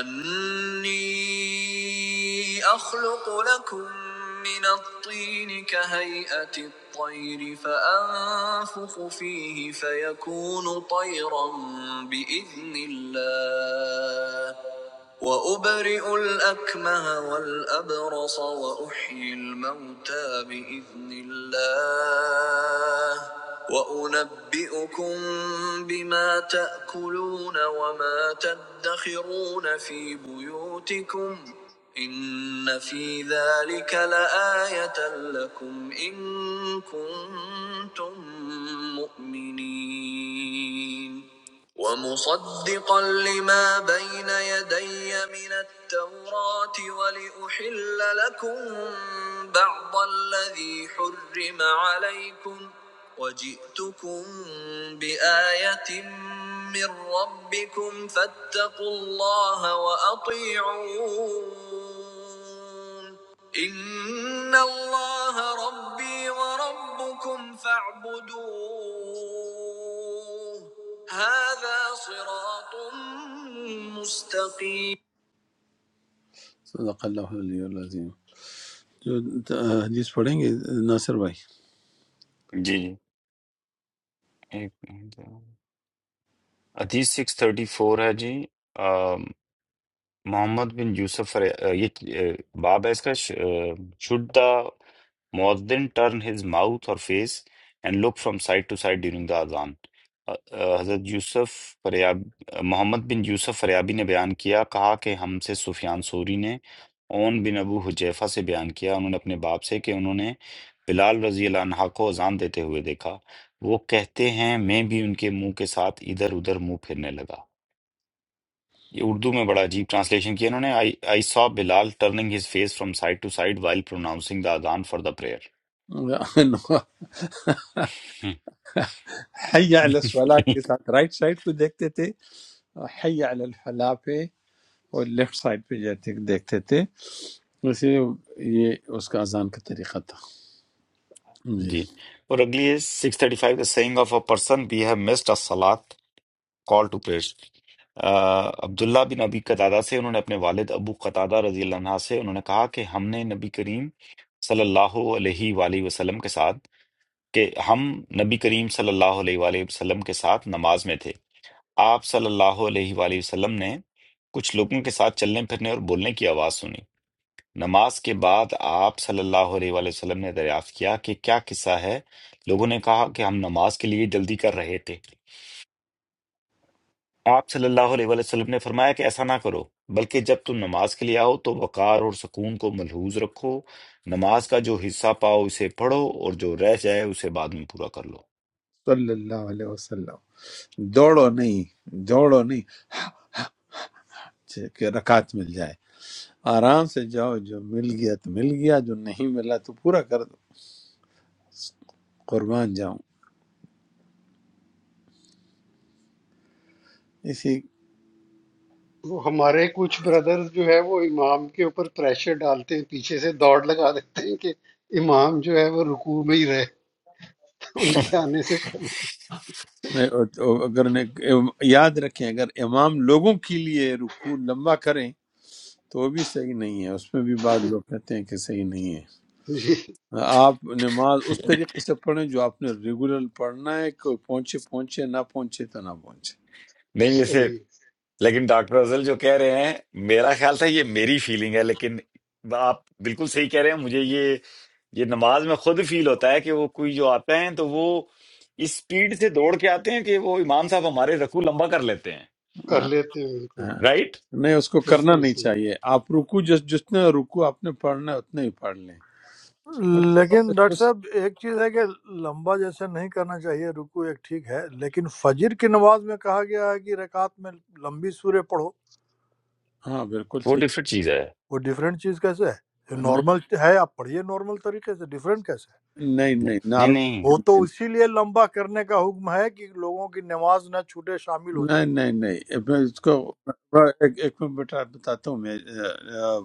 أني أخلق لكم من الطين كهيئة الطير فأنفخ فيه فيكون طيرا بإذن الله وأبرئ الأكمه والأبرص وأحيي الموتى بإذن الله وأنبئكم بما تأكلون وما تدخرون في بيوتكم إن في ذلك لآية لكم إن كنتم مؤمنين ومصدقا لما بين يدي من التوراة ولأحل لكم بعض الذي حرم عليكم وجئتكم بآية من ربكم فاتقوا الله وأطيعون إن الله ربي وربكم فاعبدوه هذا صراط مستقيم صدق الله العلي العظيم जो हदीस पढ़ेंगे नासिर भाई جی جی ایک منٹ۔ حدیث سکس تھرٹی فور ہے جی محمد بن یوسف ر- آ، یہ آ، باب ہے اس کا شوڈ دا مؤذن ٹرن ہز ماؤتھ اور face and look from side to side during the اذان آ، آ، حضرت یوسف فریاب آ، محمد بن یوسف فریابی نے بیان کیا کہا کہ ہم سے سفیان سوری نے اون بن ابو حجیفہ سے بیان کیا انہوں نے اپنے باپ سے کہ انہوں نے بلال رضی اللہ عنہ کو اذان دیتے ہوئے دیکھا وہ کہتے ہیں میں بھی ان کے منہ کے ساتھ ادھر ادھر منہ پھرنے لگا یہ اردو میں بڑا عجیب ٹرانسلیشن کیا انہوں نے آئی سا بلال turning his face from side to side while pronouncing the اذان فار دا پریئر حي على الصلاة के साथ राइट साइड पे देखते थे और حي على الفلاح पे और लेफ्ट साइड पे जाते देखते थे वैसे ये उसका अजान का तरीका था جی اور اگلی ہے six thirty five the saying of a person we have missed a سلاد کال ٹو پریئر عبداللہ بن ابی قتادہ سے انہوں نے اپنے والد ابو قتادہ رضی اللہ عنہ سے انہوں نے کہا کہ ہم نے نبی کریم صلی اللہ علیہ وآلہ وسلم کے ساتھ کہ ہم نبی کریم صلی اللہ علیہ وآلہ وسلم کے ساتھ نماز میں تھے آپ صلی اللہ علیہ وآلہ وسلم نے کچھ لوگوں کے ساتھ چلنے پھرنے اور بولنے کی آواز سنی نماز کے بعد آپ صلی اللہ علیہ وآلہ وسلم نے دریافت کیا کہ کیا قصہ ہے لوگوں نے کہا کہ ہم نماز کے لیے جلدی کر رہے تھے آپ صلی اللہ علیہ وآلہ وسلم نے فرمایا کہ ایسا نہ کرو بلکہ جب تم نماز کے لیے آؤ تو وقار اور سکون کو ملحوظ رکھو نماز کا جو حصہ پاؤ اسے پڑھو اور جو رہ جائے اسے بعد میں پورا کر لو صلی اللہ علیہ وسلم دوڑو نہیں دوڑو نہیں چ- کہ رکعت مل جائے آرام سے جاؤ جو مل گیا تو مل گیا جو نہیں ملا تو پورا کر دو قربان جاؤں اسی وہ ہمارے کچھ بردرز جو ہے وہ امام کے اوپر پریشر ڈالتے ہیں پیچھے سے دوڑ لگا دیتے ہیں کہ امام جو ہے وہ رکوع میں ہی رہے ان کے آنے سے پہلے میں اگر نے یاد رکھیں اگر امام لوگوں کے لیے رکوع لمبا کریں تو وہ بھی صحیح نہیں ہے اس میں بھی بعض لوگ کہتے ہیں کہ صحیح نہیں ہے جی آپ نماز اس طریقے سے پڑھیں جو آپ نے ریگولر پڑھنا ہے کوئی پہنچے پہنچے نہ پہنچے تو نہ پہنچے میں جیسے صحیح لیکن ڈاکٹر افضل جو کہہ رہے ہیں میرا خیال تھا یہ میری فیلنگ ہے لیکن آپ بالکل صحیح کہہ رہے ہیں مجھے یہ یہ نماز میں خود فیل ہوتا ہے کہ وہ کوئی جو آتے ہیں تو وہ اس سپیڈ سے دوڑ کے آتے ہیں کہ وہ امام صاحب ہمارے رکوع لمبا کر لیتے ہیں کر لیتے ہیں بالکل ہاں، رائٹ نہیں اس کو کرنا بالکل نہیں صحیح چاہیے آپ رکو جس جتنے رکو آپ نے پڑھنا ہے اتنے ہی پڑھ لیں مطلب لیکن ایسے ڈاکٹر اس- صاحب ایک چیز ہے کہ لمبا جیسے نہیں کرنا چاہیے رکوع ایک ٹھیک ہے لیکن فجر کی نماز میں کہا گیا ہے کہ رکعت میں لمبی سورہ پڑھو ہاں بالکل وہ صحیح ڈفرینٹ چیز ہے وہ ڈیفرنٹ چیز کیسے ہے نہیں نارمل ہے آپ پڑھیے نارمل طریقے سے ڈیفرنٹ کیسے ہے نہیں نہیں نہیں نارمل نہیں وہ تو نہیں اسی لیے لمبا کرنے کا حکم ہے کہ لوگوں کی نماز نہ چھوٹے شامل ہو جائیں نہیں نہیں نہیں، اب میں اس کو ایک ایک منٹ بیٹا بتاتا ہوں میں آ، آ،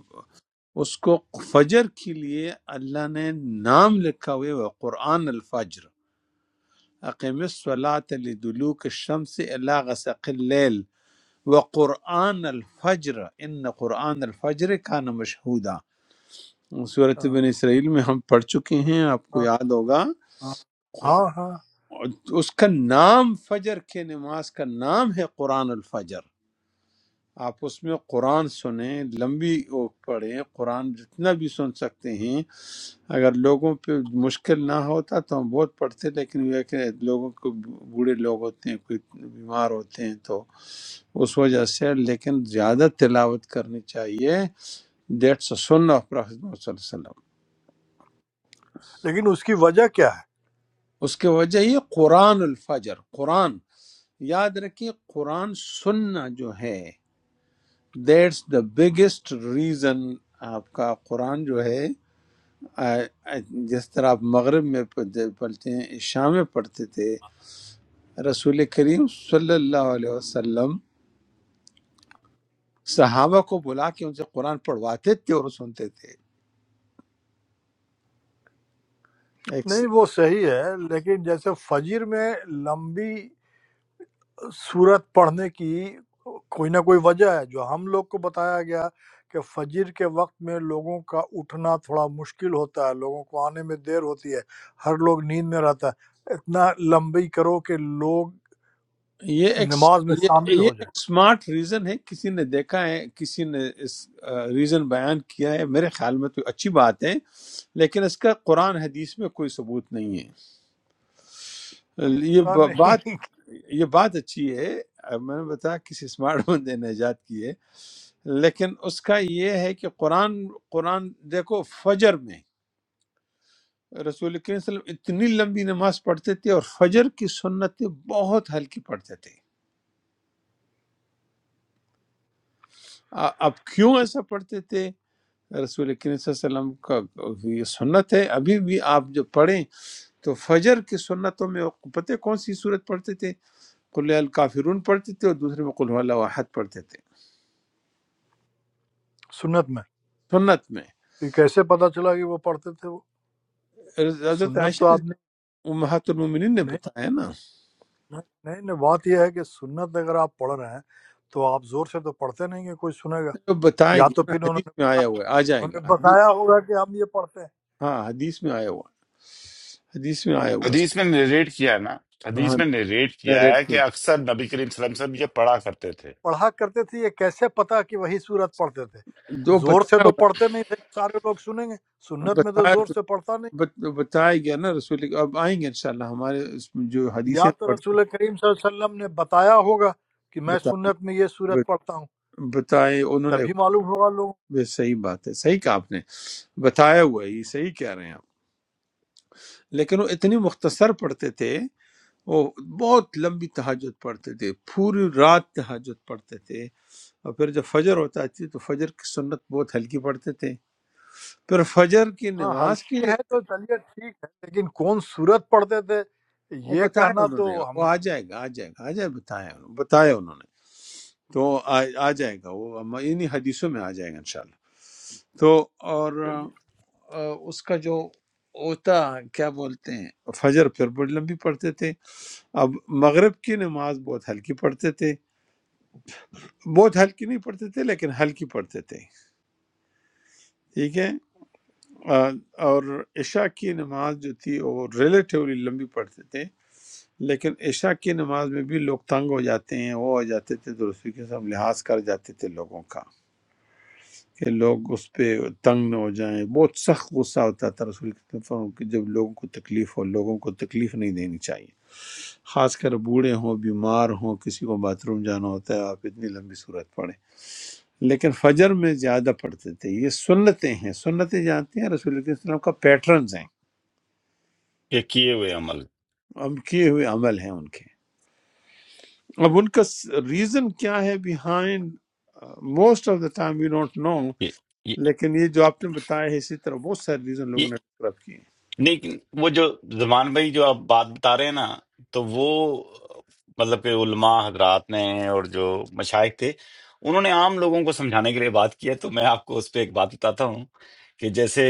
اس کو فجر کے لیے اللہ نے نام لکھا ہوا ہے قرآن الفجر اقیم الصلاة لدلوک الشمس الا غسق اللیل وقرآن الفجر ان قرآن الفجر کان مشہودا صورت ہاں بن اسرائیل میں ہم پڑھ چکے ہیں آپ کو ہاں یاد ہوگا ہاں ہاں ہاں۔ اس کا نام فجر کے نماز کا نام ہے قرآن الفجر آپ اس میں قرآن سنیں لمبی وہ پڑھیں قرآن جتنا بھی سن سکتے ہیں اگر لوگوں پہ مشکل نہ ہوتا تو ہم بہت پڑھتے لیکن یہ ہے کہ لوگوں کو بوڑھے لوگ ہوتے ہیں کوئی بیمار ہوتے ہیں تو اس وجہ سے لیکن زیادہ تلاوت کرنی چاہیے دیٹس سنہ آف پروفیٹ محمد صلی اللہ علیہ وسلم لیکن اس کی وجہ کیا ہے اس کی وجہ یہ قرآن الفجر قرآن یاد رکھیے قرآن سننا جو ہے دیٹس دا بگیسٹ ریزن آپ کا قرآن جو ہے آ، آ، جس طرح آپ مغرب میں پڑھتے پڑھتے ہیں عشاء میں پڑھتے تھے رسول کریم صلی اللہ علیہ وسلم صحابہ کو بلا کے ان سے قرآن پڑھواتے تھے اور سنتے تھے ایک نہیں وہ صحیح ہے لیکن جیسے فجر میں لمبی صورت پڑھنے کی کوئی نہ کوئی وجہ ہے جو ہم لوگ کو بتایا گیا کہ فجر کے وقت میں لوگوں کا اٹھنا تھوڑا مشکل ہوتا ہے لوگوں کو آنے میں دیر ہوتی ہے ہر لوگ نیند میں رہتا ہے اتنا لمبی کرو کہ لوگ یہ ایک نماز میں یہ شامل یہ ہو جائیں ایک سمارٹ ریزن ہے کسی نے دیکھا ہے کسی نے اس ریزن بیان کیا ہے میرے خیال میں تو اچھی بات ہے لیکن اس کا قرآن حدیث میں کوئی ثبوت نہیں ہے یہ پتہ ب- بات نہیں یہ بات اچھی ہے آ، میں نے بتایا کسی سمارٹ بندے نے ایجاد کی ہے لیکن اس کا یہ ہے کہ قرآن قرآن دیکھو فجر میں رسول کریم صلی اللہ علیہ وسلم اتنی لمبی نماز پڑھتے تھے اور فجر کی سنتیں بہت ہلکی پڑھتے تھے آ- اب کیوں ایسا پڑھتے تھے رسول کریم صلی اللہ علیہ وسلم کا یہ سنت ہے ابھی بھی آپ جو پڑھیں تو فجر کی سنتوں میں پتہ کون سی صورت پڑھتے تھے قل الکافرون پڑھتے تھے اور دوسرے میں قل اللہ احد پڑھتے تھے سنت میں سنت میں تو یہ کیسے پتہ چلا کہ وہ پڑھتے تھے وہ حضرت سنت تو عائشہ آپ رضی- نے امہات المومنین نے نہیں بتایا نا نہیں نہیں نہیں، بات یہ ہے کہ سنت اگر آپ پڑھ رہے ہیں تو آپ زور سے تو پڑھتے نہیں کہ کوئی سنے گا جو بتائے یا گی تو نا پھر انہوں حدیث میں نے آیا ہوا ہے آ جائے ہمیں گا حدیث بتایا ہوگا کہ ہم یہ پڑھتے ہیں ہاں حدیث میں آیا ہوا ہے حدیث میں آیا ہوا حدیث میں نریٹ کیا ہے نا ہے ہاں حدیث میں نریٹ میں کیا ریٹ ہے کے کہ اکثر نبی کریم صلی اللہ علیہ وسلم یہ پڑھا کرتے تھے پڑھا کرتے تھے یہ کیسے پتا کہ وہی صورت پڑھتے تھے جو زور سے بتایا تو ہوگا پڑھتے نہیں تھے کہ سارے لوگ سنیں گے نا، سنت میں تو بتایا زور تو سے پڑھتا نہیں بت- بتایا گیا نا رسول اب آئیں گے انشاءاللہ ہمارے اس میں جو یا حدیثیں تو پڑھتے رسول کریم صلی اللہ علیہ وسلم نے بتایا ہوگا کہ میں بتائے سنت میں یہ صورت پڑھتا ہوں ب- بتائے انہوں نے تبھی معلوم ہوگا لوگوں کو۔ یہ صحیح بات ہے صحیح کہا آپ نے بتایا ہوا ہے یہ صحیح کہہ رہے ہیں آپ لیکن وہ اتنی مختصر پڑھتے تھے وہ بہت لمبی تہجد پڑھتے تھے پوری رات تہجد پڑھتے تھے اور پھر جب فجر ہوتا تھی تو فجر کی سنت بہت ہلکی پڑھتے تھے پھر فجر کی ہاں نماز کی ہلکی ہے تو چلیے ٹھیک ہے لیکن کون صورت پڑھتے تھے وہ یہ بتایا کہنا انہوں تو نے وہ ہم آ جائے گا آ جائے گا آ جائے بتایا انہوں نے بتایا انہوں نے تو آ, آ جائے گا وہ ہم- انہی حدیثوں میں آ جائے گا انشاءاللہ تو اور چلیے آ، اس کا جو ہوتا کیا بولتے ہیں فجر پھر بڑی لمبی پڑھتے تھے اب مغرب کی نماز بہت ہلکی پڑھتے تھے بہت ہلکی نہیں پڑھتے تھے لیکن ہلکی پڑھتے تھے ٹھیک ہے آ، اور عشاء کی نماز جو تھی وہ ریلیٹیولی لمبی پڑھتے تھے لیکن عشاء کی نماز میں بھی لوگ تنگ ہو جاتے ہیں وہ ہو جاتے تھے تو اسی کے ساتھ لحاظ کر جاتے تھے لوگوں کا کہ لوگ اس پہ تنگ نہ ہو جائیں بہت سخت غصہ ہوتا تھا رسول کریم صلی اللہ علیہ وسلم کہ جب لوگوں کو تکلیف ہو لوگوں کو تکلیف نہیں دینی چاہیے خاص کر بوڑھے ہوں بیمار ہوں کسی کو باتھ روم جانا ہوتا ہے آپ اتنی لمبی صورت پڑھیں لیکن فجر میں زیادہ پڑھتے تھے یہ سنتیں ہیں سنتیں جانتے ہیں رسول اللہ صلی اللہ علیہ وسلم کا پیٹرنز ہیں یہ کیے ہوئے عمل اب کیے ہوئے عمل ہیں ان کے اب ان کا ریزن کیا ہے behind most of the time you don't know لیکن یہ جو آپ نے بتایا ہے اسی طرح بہت سارے ریزن یہ لوگوں نے ڈسکرائب کیے نہیں وہ جو زمان بھائی جو آپ بات بتا رہے ہیں نا تو وہ مطلب کہ علماء حضرات نے اور جو مشائق تھے انہوں نے عام لوگوں کو سمجھانے کے لیے بات کی ہے تو میں آپ کو اس پہ ایک بات بتاتا ہوں کہ جیسے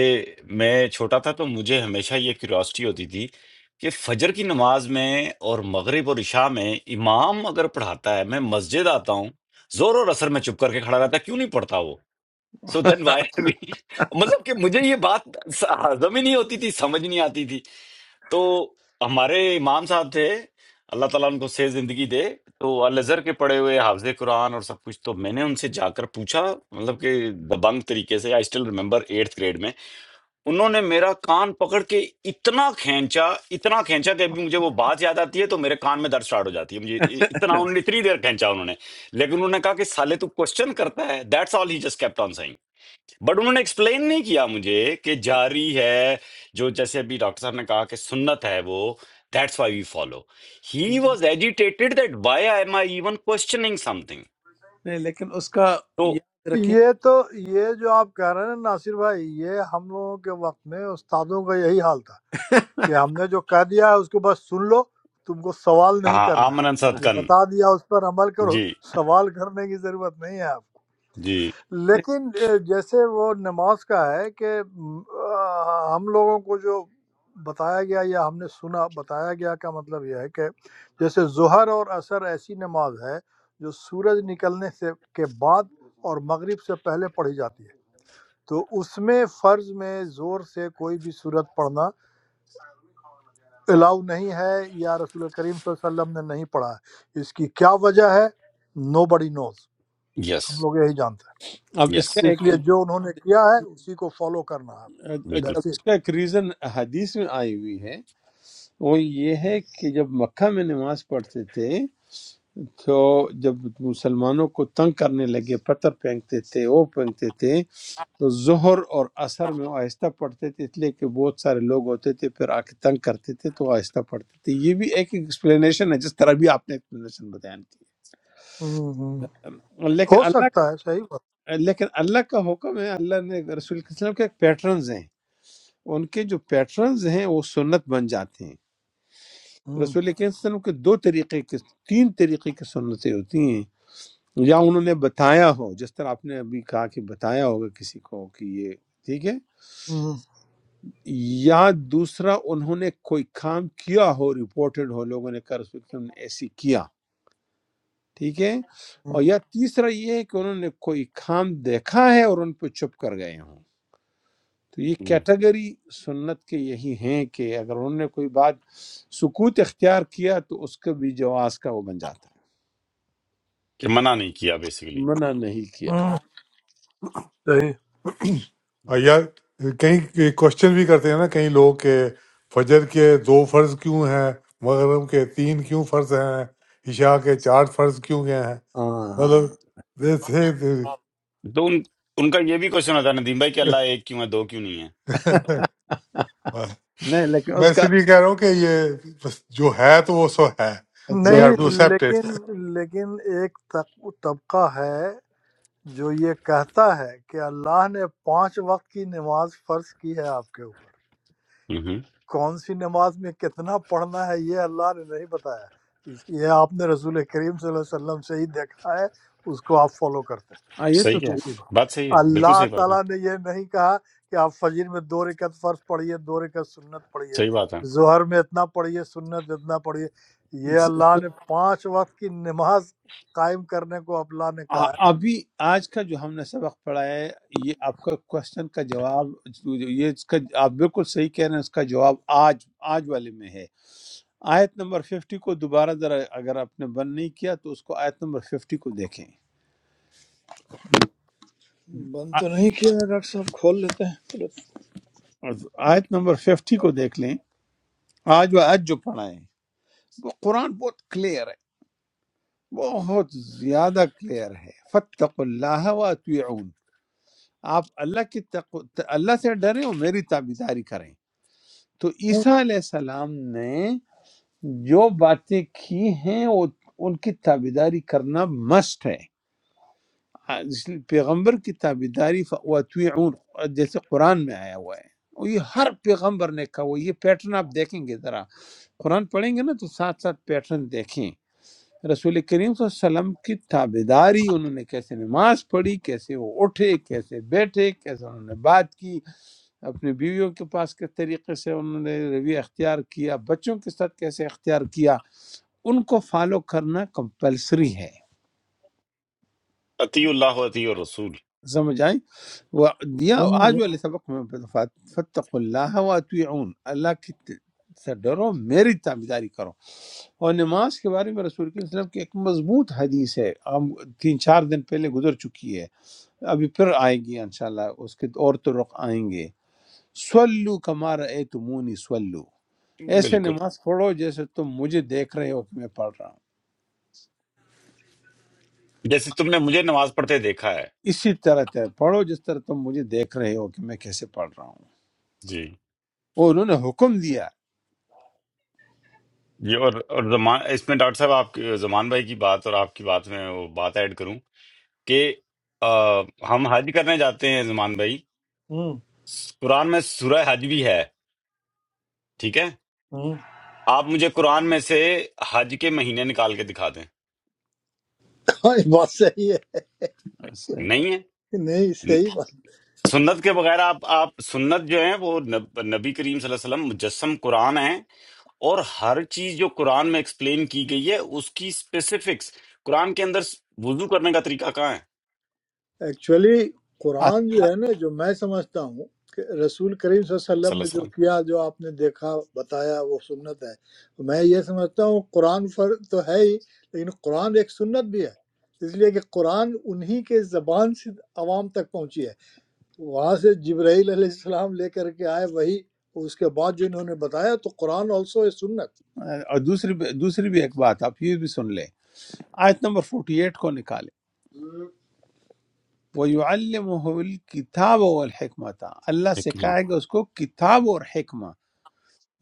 میں چھوٹا تھا تو مجھے ہمیشہ یہ کیوریوسٹی ہوتی تھی کہ فجر کی نماز میں اور مغرب اور عشاء میں امام اگر پڑھاتا ہے میں مسجد آتا ہوں زور اور اثر میں چپ کر کے کھڑا رہتا ہے کیوں نہیں پڑھتا وہ سوتن وائر بھی مطلب کہ مجھے یہ بات س- ہضم ہی نہیں ہوتی تھی سمجھ نہیں آتی تھی تو ہمارے امام صاحب تھے اللہ تعالیٰ ان کو سے زندگی دے تو الازہر کے پڑھے ہوئے حافظ قرآن اور سب کچھ تو میں نے ان سے جا کر پوچھا مطلب کہ دبنگ طریقے سے I still remember eighth grade میں انہوں نے میرا کان پکڑ کے اتنا کھینچا اتنا کھینچا کہ ابھی مجھے وہ بات یاد آتی ہے تو میرے کان میں درد سٹارٹ ہو جاتی ہے مجھے اتنا انہوں نے اتنی دیر کھینچا انہوں نے لیکن انہوں نے کہا کہ سالے تو کوشچن کرتا ہے that's all he just kept on but انہوں نے ایکسپلین نہیں کیا مجھے کہ جاری ہے جو جیسے ابھی ڈاکٹر صاحب نے کہا کہ سنت ہے وہ that's why we follow he ہیں was agitated that why I am I even questioning something نہیں لیکن اس کا تو یاد رکھیں یہ تو یہ جو آپ کہہ رہے ہیں نا ناصر بھائی یہ ہم لوگوں کے وقت میں استادوں کا یہی حال تھا کہ ہم نے جو کہہ دیا ہے اس کو بس سن لو تم کو سوال نہیں ہاں کرنا آمن ہے انصد جو کن بتا دیا اس پر عمل کرو جی سوال کرنے کی ضرورت نہیں ہے آپ کو جی نہیں، لیکن اے، جیسے وہ نماز کا ہے کہ م، آ، ہم لوگوں کو جو بتایا گیا یا ہم نے سنا بتایا گیا کا مطلب یہ ہے کہ جیسے ظہر اور عصر ایسی نماز ہے جو سورج نکلنے سے کے بعد اور مغرب سے پہلے پڑھی جاتی ہے تو اس میں فرض میں زور سے کوئی بھی صورت پڑھنا الاؤ نہیں ہے یا رسول کریم صلی اللہ علیہ وسلم نے نہیں پڑھا ہے اس کی کیا وجہ ہے نو بڑی نوز یس ہم لوگ یہی جانتے اب اس یس کا ہیں اس ایک لیے جو انہوں نے کیا ہے اسی کو فالو کرنا ہے آپ کو بالکل اب دیٹس اٹ اس کا ایک ریزن حدیث میں آئی ہوئی ہے وہ یہ ہے کہ جب مکہ میں نماز پڑھتے تھے تو جب مسلمانوں کو تنگ کرنے لگے پتھر پھینکتے تھے وہ پھینکتے تھے تو ظہر اور عصر میں وہ آہستہ پڑھتے تھے اس لیے کہ بہت سارے لوگ ہوتے تھے پھر آ کے تنگ کرتے تھے تو وہ آہستہ پڑھتے تھے یہ بھی ایک ایکسپلینیشن ہے جس طرح بھی آپ نے ایکسپلینیشن بیان ہوں، ہوں۔ کی لیکن ہو اللہ سکتا ہے صحیح بات لیکن اللہ کا حکم ہے اللہ نے رسول اللہ علیہ وسلم کے پیٹرنز ہیں ان کے جو پیٹرنز ہیں وہ سنت بن جاتے ہیں ہم، رسول اللہ علیہ وسلم کے دو طریقے کے تین طریقے کی سنتیں ہوتی ہیں یا انہوں نے بتایا ہو جس طرح آپ نے ابھی کہا کہ بتایا ہوگا کسی کو کہ یہ ٹھیک ہے ہم، یا دوسرا انہوں نے کوئی کام کیا ہو رپورٹڈ ہو لوگوں نے کہا رسول اللہ علیہ وسلم نے ایسی کیا ٹھیک ہے ہم، اور یا تیسرا یہ ہے کہ انہوں نے کوئی کام دیکھا ہے اور ان پہ چپ کر گئے ہوں تو یہ ہم، کیٹیگری سنت کے یہی ہیں کہ اگر انہوں نے کوئی بات سکوت اختیار کیا تو اس کا بھی جواز کا وہ بن جاتا کہ منع نہیں کیا بیسیکلی ہے منع نہیں کیا ہم، صحیح آ، یار کہیں کوشچن بھی کرتے ہیں نا کئی لوگ کہ فجر کے دو فرض کیوں ہیں مغرب کے تین کیوں فرض ہیں عشاء کے چار فرض کیوں ہیں ہاں مطلب دے تھے تو ان ان کا یہ بھی کوشچن ہوتا ہے ندیم بھائی کہ اللہ ایک کیوں ہے دو کیوں نہیں نہیں لیکن میں اس اس کا لیے کہہ رہا ہوں کہ یہ بس جو ہے تو وہ سو ہے وی اچھا ہیو ٹو نہیں ہے ایکسپٹ لیکن لیکن ایک طب- طبقہ ہے جو یہ کہتا ہے کہ اللہ نے پانچ وقت کی نماز فرض کی ہے آپ کے اوپر مہم، کون سی نماز میں کتنا پڑھنا ہے یہ اللہ نے نہیں بتایا اس یہ آپ نے رسول کریم صلی اللہ علیہ وسلم سے ہی دیکھا ہے اس کو آپ فالو کرتے ہیں ہاں، یہ تو صحیح ہے سیدھے صحیح سیدھے بات صحیح ہے بالکل اللہ صحیح بات ہے تعالیٰ نے یہ نہیں کہا کہ آپ فجر میں دو رکعت فرض پڑھیے دو رکعت سنت پڑھیے صحیح بات ہے ظہر میں اتنا پڑھیے سنت اتنا پڑھیے یہ اللہ نے پانچ وقت کی نماز قائم کرنے کو اللہ نے آ- کہا ابھی آج کا جو ہم نے سبق پڑھا ہے یہ آپ کا کوشچن کا جواب یہ اس کا آپ بالکل صحیح کہہ رہے ہیں اس کا جواب آج آج والے میں ہے آیت نمبر 50 کو دوبارہ ذرا اگر آپ نے بند نہیں کیا تو اس کو آیت نمبر 50 کو دیکھیں ہے بند تو نہیں کیا ہے ڈاکٹر صاحب کھول لیتے ہیں اور آیت نمبر ففٹی کو دیکھ لیں آج و آج جو پڑھا ہے وہ قرآن بہت کلیئر ہے بہت زیادہ کلیئر ہے فتق اللہ و اطیعون، آپ اللہ کی تقو... اللہ سے ڈریں اور میری تابیداری کریں تو عیسیٰ علیہ السلام نے جو باتیں کی ہیں وہ ان کی تابیداری کرنا مسٹ ہے آ- جس نے پیغمبر کی تابیداری فواتویعون جیسے قرآن میں آیا ہوا ہے اور یہ ہر پیغمبر نے کہا ہوا ہے۔ یہ پیٹرن آپ دیکھیں گے ذرا قرآن پڑھیں گے نا تو ساتھ ساتھ پیٹرن دیکھیں رسول کریم صلی اللہ علیہ وسلم کی تابیداری انہوں نے کیسے نماز پڑھی کیسے وہ اٹھے کیسے بیٹھے کیسے انہوں نے بات کی اپنے بیویوں کے پاس کس طریقے سے انہوں نے رویہ اختیار کیا بچوں کے ساتھ کیسے اختیار کیا ان کو فالو کرنا کمپلسری ہے عطی اللہ و عطی الرسول سمجھ آئی وہ دیا ہوں، ہوں، آج والے سبق میں فتق اللہ و اللہ کی ت- سے ڈرو میری تابیداری کرو اور نماز کے بارے میں رسول کریم صلی اللہ علیہ وسلم کی ایک مضبوط حدیث ہے ہم تین چار دن پہلے گزر چکی ہے ابھی پھر آئے گی انشاءاللہ اس کے اور تو رخ آئیں گے سولو کمار اے تمونی سولو ایسے بالکل نماز پڑھو جیسے تم مجھے دیکھ رہے ہو کہ میں پڑھ رہا ہوں جیسے تم نے مجھے نماز پڑھتے دیکھا ہے اسی طرح تے- پڑھو جس طرح تم مجھے دیکھ رہے ہو کہ میں کیسے پڑھ رہا ہوں جی اور انہوں نے حکم دیا یہ اور اور زمان اس میں ڈاکٹر صاحب آپ کی- زمان بھائی کی بات اور آپ کی بات میں وہ بات ایڈ کروں کہ آ، ہم حج کرنے جاتے ہیں زمان بھائی ہوں، قرآن میں سورہ حج بھی ہے ٹھیک ہے ہوں۔ آپ مجھے قرآن میں سے حج کے مہینے نکال کے دکھا دیں ہاں، یہ بات صحیح ہے صحیح نہیں نہیں ہے صحیح بات سنت کے بغیر آپ آپ سنت جو ہیں وہ نب- نبی کریم صلی اللہ علیہ وسلم مجسم قرآن ہیں اور ہر چیز جو قرآن میں ایکسپلین کی گئی ہے اس کی اسپیسیفکس قرآن کے اندر وضو کرنے کا طریقہ کہاں ہے ایکچولی آ- قرآن آ- جو ہے نا جو میں سمجھتا ہوں کہ رسول کریم صلی اللہ علیہ صلی وسلم اللہ نے علیہ جو وسلم کیا جو آپ نے دیکھا بتایا وہ سنت ہے میں یہ سمجھتا ہوں قرآن فر تو ہے ہی لیکن قرآن ایک سنت بھی ہے اس لیے کہ قرآن انہی کے زبان سے عوام تک پہنچی ہے وہاں سے جبرائیل علیہ السلام لے کر کے آئے وہی اس کے بعد جو انہوں نے بتایا تو قرآن آلسو اے سنت اور دوسری بھی- دوسری بھی ایک بات آپ یہ بھی سن لیں آیت نمبر 48 کو نکالیں وَيُعَلِّمُهُ الْكِتَابَ وَالْحِکْمَةَ اللہ ایک ہاں سکھائے گا اس کو کتاب اور حکمہ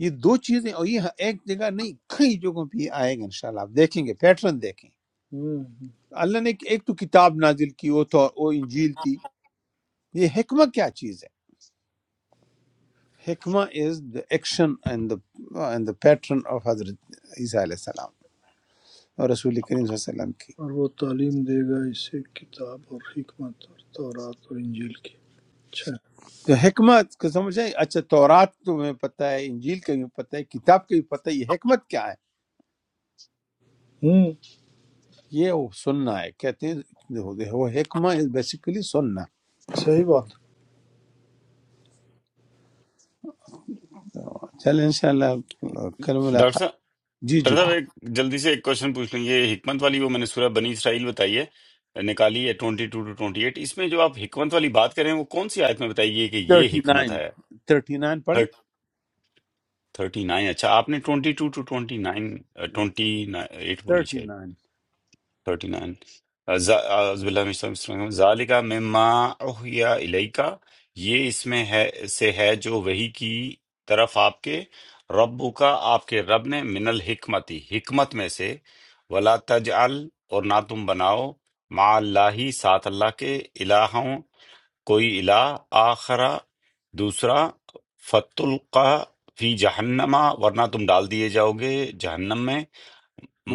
یہ دو چیزیں اور یہ ایک جگہ نہیں کئی جگہوں پہ یہ آئے گا انشاءاللہ آپ دیکھیں گے پیٹرن دیکھیں ہوں، ہوں۔ اللہ نے ایک تو کتاب نازل کی وہ تو وہ انجیل تھی یہ حکمہ کیا چیز ہے حکمہ is the action and the and the pattern of حضرت عیسیٰ علیہ السلام اور رسول کریم صلی اللہ علیہ وسلم کی اور وہ تعلیم دے گا اسے کتاب اور حکمت اور تورات اور انجیل کی اچھا تو حکمت کو سمجھیں اچھا تورات تمہیں پتہ ہے انجیل کا بھی پتہ ہے کتاب کا بھی پتہ ہے یہ حکمت کیا ہے ہوں یہ وہ سننا ہے کہتے ہیں وہ حکمہ از بیسیکلی سننا صحیح بات چلیں انشاءاللہ کل ڈاکٹر ملاقات صاحب جی ڈاکٹر جی صاحب ایک جلدی سے ایک کوشچن پوچھ لیں یہ حکمت والی وہ میں نے سورہ بنی اسرائیل بتائی ہے نکالی ہے twenty two to twenty eight اس میں جو آپ حکمت والی بات کر رہے ہیں وہ کون سی آیت میں بتائی گئی ہے کہ یہ حکمت 39 ہے 39 پڑھیں تھرٹی نائن اچھا آپ نے twenty two to twenty nine twenty eight بولی شاید 39 تھرٹی نائن اعوذ باللہ من الشیطان الرجیم ذالک مما اوحی الیکا یہ اس میں ہے سے ہے جو وہی کی طرف آپ کے رب کا آپ کے رب نے من الحکمتی حکمت میں سے ولا تجعل اور نہ تم بناؤ مع اللہ ساتھ اللہ کے الہوں کوئی الہ آخرا دوسرا فتلقا فی جہنما ورنہ تم ڈال دیے جاؤ گے جہنم میں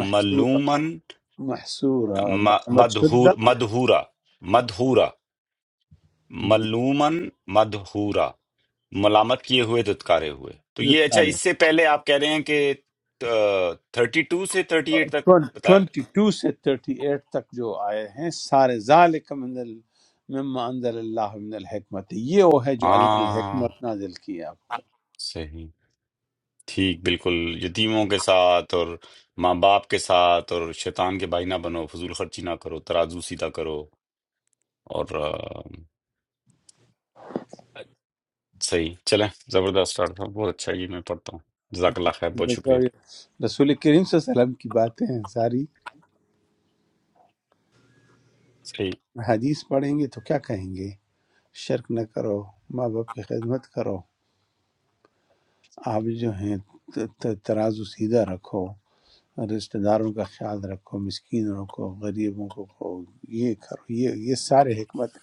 محصورہ محصورہ م- ملامت مدہور شدہ مدہورا مدہورا ملومن مدہورا ملامت کیے ہوئے دتکارے ہوئے تو یہ اچھا جی اس سے پہلے آپ کہہ رہے ہیں کہ تھرٹی ٹو سے تھرٹی ایٹ تک بتائے ٹوینٹی ٹو سے تھرٹی ایٹ تک جو آئے ہیں سارے ذالک من ال مما انزل اللہ من الحکمت یہ وہ ہے جو اللہ نے ہاں حکمت نازل کی ہے آپ کو صحیح ٹھیک بالکل یتیموں کے ساتھ اور ماں باپ کے ساتھ اور شیطان کے بھائی نہ بنو فضول خرچی نہ کرو ترازو سیدھا کرو اور آ، صحیح چلیں زبردست ڈاکٹر صاحب بہت اچھا یہ میں پڑھتا ہوں جزاک اللہ خیر بہت دیکھو شکریہ یہ رسول کریم صلی اللہ علیہ وسلم کی باتیں ہیں ساری صحیح حدیث پڑھیں گے تو کیا کہیں گے شرک نہ کرو ماں باپ کی خدمت کرو آپ جو ہیں ت- ت- ترازو سیدھا رکھو رشتہ داروں کا خیال رکھو مسکینوں کو غریبوں کو کو یہ کرو یہ یہ سارے حکمت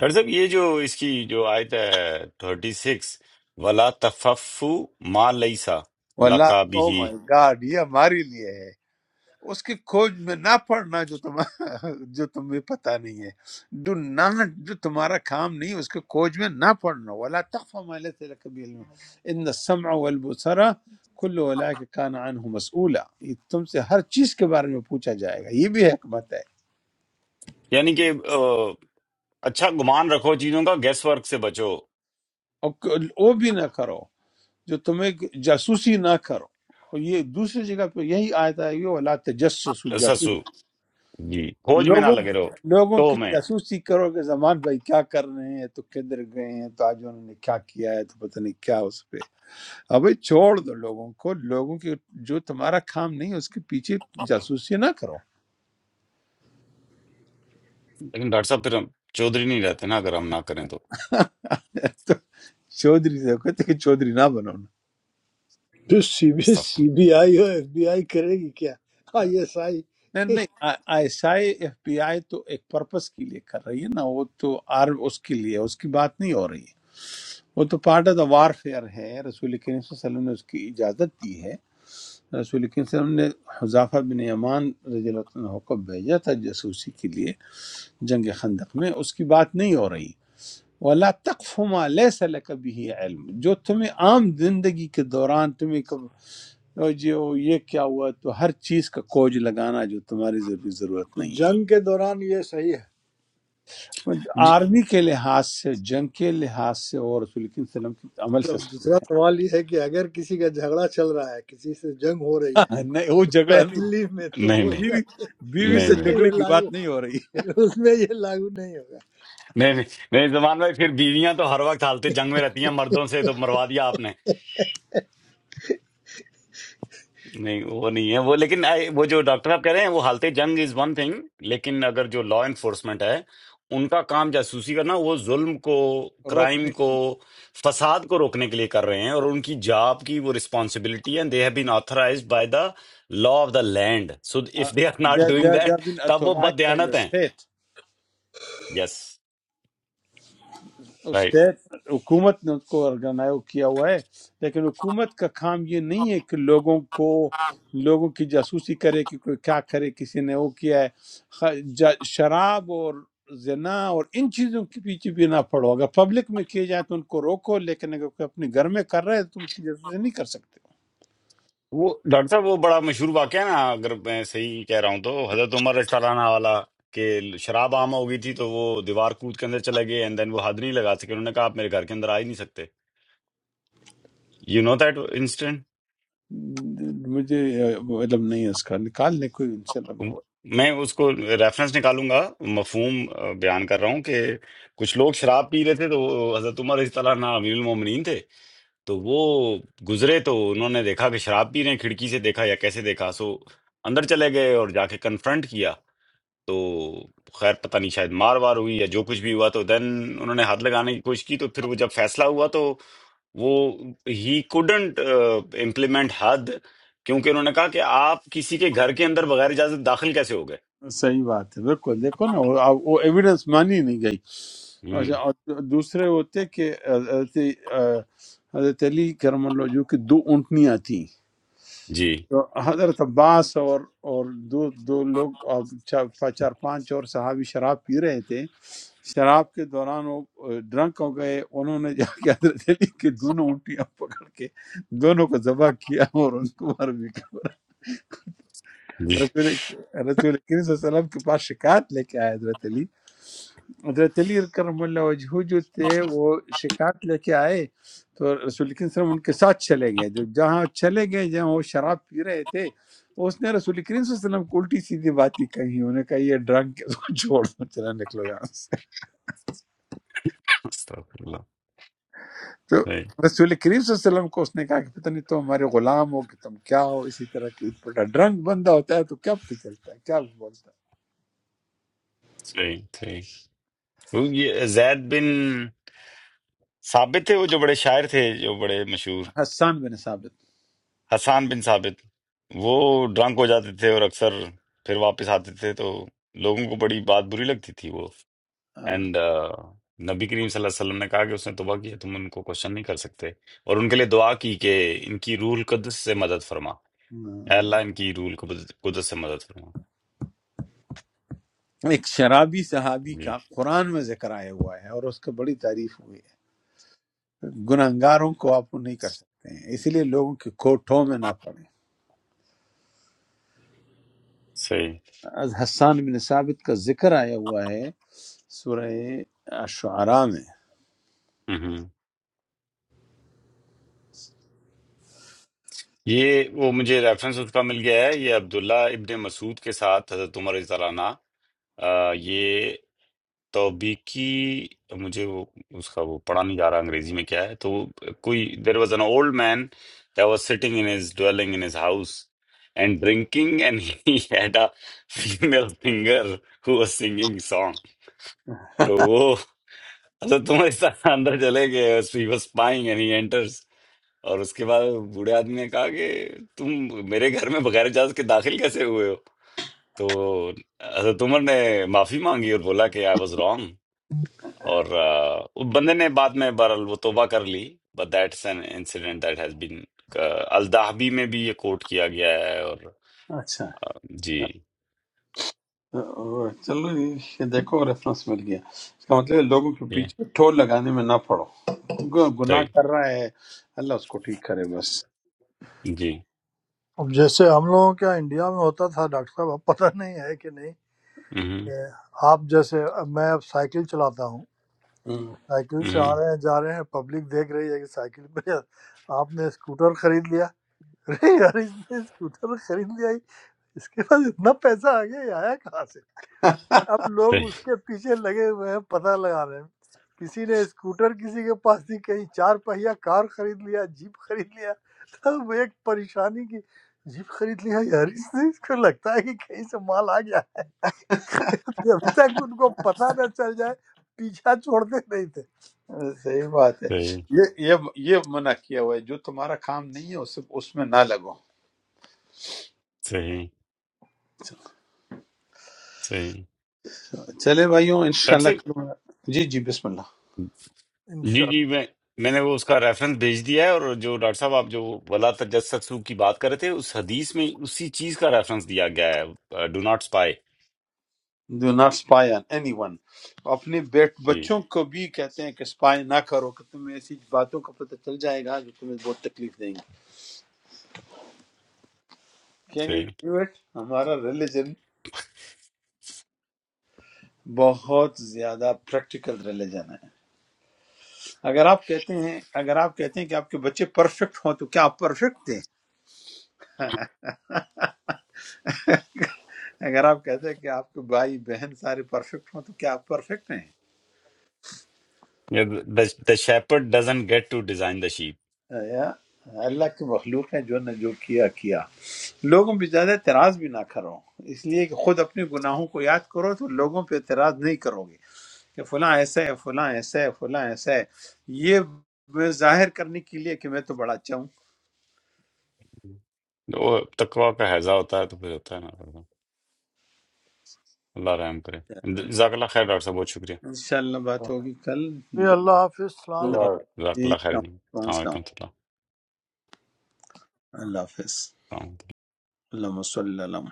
ڈاکٹر صاحب یہ جو اس کی جو آیت ہے تھرٹی سکس ولا تففو ما لیسا واللہ لقا او بھی مائی گاڈ یہ ہمارے لیے ہے اس کی کھوج میں نہ پڑنا جو تم جو تمہیں پتہ نہیں ہے ڈو ناٹ جو تمہارا کام نہیں ہے، اس کے کھوج میں نہ پڑنا ولا تخف ما ليس لك به علم ان السمع والبصر كل اولئك كان عنه مسؤولا یہ تم سے ہر چیز کے بارے میں پوچھا جائے گا یہ بھی حکمت ہے یعنی کہ آ، اچھا گمان رکھو چیزوں کا گیس ورک سے بچو اور ک- وہ بھی نہ کرو جو تمہیں جاسوسی نہ کرو اور یہ دوسری جگہ پہ یہی آیت آئی ہے ولا تجسس سسو جی کھوج میں نہ لوگوں لگے رہو لوگوں تو کی میں جاسوسی کرو کہ زمان بھائی کیا کر رہے ہیں تو کدھر گئے ہیں تو آج انہوں نے کیا کیا ہے تو پتہ نہیں کیا اس پہ اب بھائی چھوڑ دو لوگوں کو لوگوں کی جو تمہارا کام نہیں ہے اس کے پیچھے جاسوسی نہ کرو لیکن ڈاکٹر صاحب پھر ہم چودھری نہیں رہتے نا اگر ہم نہ کریں تو تو چودھری سے کہتے ہیں کہ چودھری نہ بنو نا۔ پھر سی بی استغفر سی بی آئی اور ایف بی آئی کرے گی کیا آئی ایس آئی نہیں نہیں S I F B I تو ایک پرپس کے لیے کر رہی ہے نا وہ تو آر اس کے لیے اس کی بات نہیں ہو رہی ہے وہ تو part of the warfare ہے رسول کریم صلی اللہ علیہ وسلم نے اس کی اجازت دی ہے رسول کریم صلی اللہ علیہ وسلم نے حذافہ بن یمان رضی اللہ تعالیٰ عنہ کو بھیجا تھا جاسوسی کے لیے جنگ خندق میں اس کی بات نہیں ہو رہی وَلَا تَقْفُ مَا لَيْسَ لَكَ بِهِ عِلْم جو تمہیں عام زندگی کے دوران تمہیں کب او جی او یہ کیا ہوا تو ہر چیز کا کوج لگانا جو تمہاری ضروری ضرورت تو نہیں جنگ کے دوران یہ صحیح ہے ہے اللہ۔ جی آرمی کے لحاظ سے جنگ کے لحاظ سے اور رسول کریم صلی اللہ علیہ وسلم کے عمل تو سے اب دوسرا ثابت سوال یہ ہے کہ اگر کسی کا جھگڑا چل رہا ہے کسی سے جنگ ہو رہی ہے ہے نہیں وہ جھگڑا نہیں پہلی میں تو نہیں وہ نہیں جا بیوی کے بیوی اس نہیں سے نہیں میں جھگڑے یہ کی لاگو بات نہیں ہو رہی اس میں یہ لاگو نہیں ہوگا نہیں نہیں نہیں، زمان بھائی پھر بیویاں تو ہر وقت حالت جنگ میں رہتی ہیں مردوں سے تو مروا دیا آپ نے نہیں وہ نہیں ہے وہ لیکن I- وہ جو ڈاکٹر آپ کہہ رہے ہیں وہ حالت جنگ از ون تھنگ لیکن اگر جو لا انفورسمنٹ ہے ان کا کام جاسوسی کرنا وہ ظلم کو روک کرائم کو فساد کو روکنے کے لیے کر رہے ہیں اور ان کی جاب کی وہ رسپانسبلٹی ہے they have been authorised by the law of the land so Uh, if they are not they, they, doing that they've been تب وہ بد authorized by the دیانت ہیں state یس اسٹیٹ حکومت نے ان کو آرگنائز کیا ہوا ہے لیکن حکومت کا کام یہ نہیں ہے کہ لوگوں کو لوگوں کی جاسوسی کرے کہ کوئی کیا کرے کسی نے وہ کیا ہے خ- جا- شراب اور زنا اور ان چیزوں کے پیچھے بھی نہ پڑو اگر پبلک میں کیے جائے تو ان کو روکو لیکن اگر کوئی اپنے گھر میں کر رہے ہے تو تم اس کی جاسوسی نہیں کر سکتے وہ ڈاکٹر صاحب وہ بڑا مشہور واقعہ ہے نا اگر میں صحیح کہہ رہا ہوں تو حضرت عمر رضی اللہ عنہ والا کہ شراب عام ہو گئی تھی تو وہ دیوار کود کے اندر چلے گئے اینڈ دین وہ حد نہیں لگا سکے انہوں نے کہا آپ میرے گھر کے اندر آ ہی نہیں سکتے یو نو دیٹ انسٹنٹ مجھے علم نہیں ہے اس کا نکال لیں کوئی ان سے علم۔ میں اس کو ریفرنس نکالوں گا مفہوم آ، بیان کر رہا ہوں کہ کچھ لوگ شراب پی رہے تھے تو وہ حضرت عمر رضی اللہ عنہ امیر المومنین تھے تو وہ گزرے تو انہوں نے دیکھا کہ شراب پی رہے ہیں کھڑکی سے دیکھا یا کیسے دیکھا سو اندر چلے گئے اور جا کے کنفرنٹ کیا تو خیر پتہ نہیں شاید مار وار ہوئی یا جو کچھ بھی ہوا تو دین انہوں نے حد لگانے کی کوشش کی تو پھر وہ جب فیصلہ ہوا تو وہ ہی کوڈنٹ امپلیمنٹ حد کیونکہ انہوں نے کہا کہ آپ کسی کے گھر کے اندر بغیر اجازت داخل کیسے ہو گئے صحیح بات ہے بالکل دیکھو نا وہ اب وہ ایویڈنس مانی نہیں گئی ہم، اچھا اور دوسرے ہوتے کہ حضرت حضرت علی کرم اللہ جو کہ دو اونٹنیاں تھیں جی تو حضرت عباس اور اور دو دو لوگ اور چار پا- چار پانچ اور صحابی شراب پی رہے تھے شراب کے دوران وہ ڈرنک ہو گئے انہوں نے جا کے حضرت علی کی دونوں اونٹیاں پکڑ کے دونوں کو ذبح کیا اور ان کو مار بھی جی رسول رسول کریم صلی اللہ علیہ وسلم کے پاس شکایت لے کے آئے حضرت علی حضرت علی کرم اللہ وجہ جو تھے وہ شکایت لے کے آئے تو رسول کریم صلی اللہ علیہ وسلم ان کے ساتھ چلے گئے جو جہاں چلے گئے جہاں وہ شراب پی رہے تھے اس نے رسول کریم صلی اللہ علیہ وسلم کو الٹی سیدھی باتیں کہی انہوں نے کہا یہ ڈرنک چھوڑ دو، چلا نکلو یہاں سے استغفر اللہ تو صحیح رسول کریم صلی اللہ علیہ وسلم کو اس نے کہا کہ پتہ نہیں تم ہمارے غلام ہو کہ تم کیا ہو اسی طرح کی پٹا ڈرنک بندہ ہوتا ہے تو کیا پتہ چلتا ہے کیا بولتا صحیح صحیح وہ یہ زید بن ثابت تھے وہ جو بڑے شاعر تھے جو بڑے مشہور ہے حسان بن ثابت حسان بن ثابت وہ ڈرنک ہو جاتے تھے اور اکثر پھر واپس آتے تھے تو لوگوں کو بڑی بات بری لگتی تھی وہ اینڈ نبی کریم صلی اللہ علیہ وسلم نے کہا کہ اس نے توبہ کی ہے تم ان کو کوشچن نہیں کر سکتے اور ان کے لیے دعا کی کہ ان کی روح القدس سے مدد فرما اے ہاں۔ اللہ ان کی روح القدس قدس سے مدد فرما ایک شرابی صحابی جی کا قرآن میں ذکر آیا ہوا ہے اور اس کا بڑی تعریف ہوئی ہے گناہگاروں کو آپ نہیں کر سکتے ہیں اسی لیے لوگوں کے کوٹھوں میں نہ پڑیں صحیح از حسان بن ثابت کا ذکر آیا ہوا ہے سورہ شعراء میں ہوں یہ وہ مجھے ریفرنس اس کا مل گیا ہے یہ عبداللہ ابن مسعود کے ساتھ حضرت عمر رضی اللہ عنہ آ، یہ توبیکی مجھے وہ اس کا وہ پڑھا نہیں جا رہا انگریزی میں کیا ہے تو وہ کوئی there was an old man that was sitting in his dwelling in his house and drinking and he had a female singer who was singing song تو وہ حضرت عمر اس طرح اندر چلے گئے he was spying and he enters اور اس کے بعد بوڑھے آدمی نے کہا کہ تم میرے گھر میں بغیر اجازت کے داخل کیسے ہوئے ہو تو حضرت عمر نے معافی مانگی اور بولا کہ آئی واز رانگ اور آ، وہ بندے نے بعد میں بہرحال وہ توبہ کر لی but that's an incident that has been الدہبی میں بھی یہ کوٹ کیا گیا ہے اور اچھا جی اور چلو یہ دیکھو ریفرنس مل گیا اس کا مطلب ہے لوگوں کے یہ پیچھے ٹول لگانے میں نہ پڑو گ- گناہ صحیح کر رہا ہے اللہ اس کو ٹھیک کرے بس جی اب جیسے ہم لوگوں کا انڈیا میں ہوتا تھا ڈاکٹر صاحب اب پتہ نہیں ہے کہ نہیں ہوں کہ آپ جیسے اب میں اب سائیکل چلاتا ہوں سائیکل سے ہوں آ رہے ہیں جا رہے ہیں پبلک دیکھ رہی ہے کہ سائیکل پہ آپ نے اسکوٹر خرید لیا ارے یار اس نے اسکوٹر خرید لیا ہی اس کے پاس اتنا پیسہ آ گیا یہ آیا کہاں سے اب لوگ صحیح اس کے پیچھے لگے ہوئے ہیں پتہ لگا رہے ہیں کسی نے اسکوٹر کسی کے پاس دی کہیں چار پہیا کار خرید لیا جیپ خرید لیا تو وہ ایک پریشانی کی جیپ خرید لیا یار اس نے اس کو لگتا ہے کہ کہیں سے مال آ گیا ہے۔ جب تک ان کو پتہ نہ چل جائے پیچھا چھوڑتے نہیں صحیح بات ہے صحیح یہ یہ یہ منع کیا ہوا ہے جو تمہارا کام نہیں ہے اسے اس میں نہ لگو صحیح صحیح چلے بھائیوں ڈاکٹر انشاءاللہ صاحب کل میں- جی جی بسم اللہ تھے جی جی میں میں نے وہ اس کا ریفرنس بھیج دیا ہے اور جو ڈاکٹر صاحب آپ جو ولا تجسسو کی بات کر رہے تھے اس حدیث میں اسی چیز کا ریفرنس دیا گیا ہے do not spy do not spy on anyone اپنے بیٹ جی بچوں کو بھی کہتے ہیں کہ spy نہ کرو کہ تمہیں ایسی باتوں کا پتہ چل جائے گا جو تمہیں بہت تکلیف دیں گی کین یو صحیح ڈو اٹ ہمارا ریلیجن بہت زیادہ پریکٹیکل ریلیجن ہے اگر آپ کہتے ہیں اگر آپ کہتے ہیں کہ آپ کے بچے پرفیکٹ ہوں تو کیا آپ پرفیکٹ تھے اگر آپ کہتے ہیں کہ آپ کے بھائی بہن سارے پرفیکٹ ہوں تو کیا آپ پرفیکٹ ہیں the shepherd doesn't get to design the sheep یا اللہ کی مخلوق ہے جو نے جو کیا کیا لوگوں پہ زیادہ اعتراض بھی نہ کرو اس لیے کہ خود اپنے گناہوں کو یاد کرو تو لوگوں پہ اعتراض نہیں کرو گے کہ فلاں ایسا ہے فلاں ایسا ہے فلاں ایسا ہے یہ میں ظاہر کرنے کے لیے کہ میں تو بڑا اچھا ہوں وہ تقوی کا ہیضہ ہوتا ہے تو پھر ہوتا ہے نا اللہ رحم کرے جزاک اللہ خیر ڈاکٹر صاحب بہت شکریہ انشاءاللہ بات ہوگی کل اوکے دو اللہ حافظ السلام علیکم اللہ اٹ جزاک اللہ خیر جی حافظ السلام السلام علیکم۔ علیکم و رحمۃ اللہ اللہ حافظ السلام علیکم اللہم صلی اللہ علیہ وسلم۔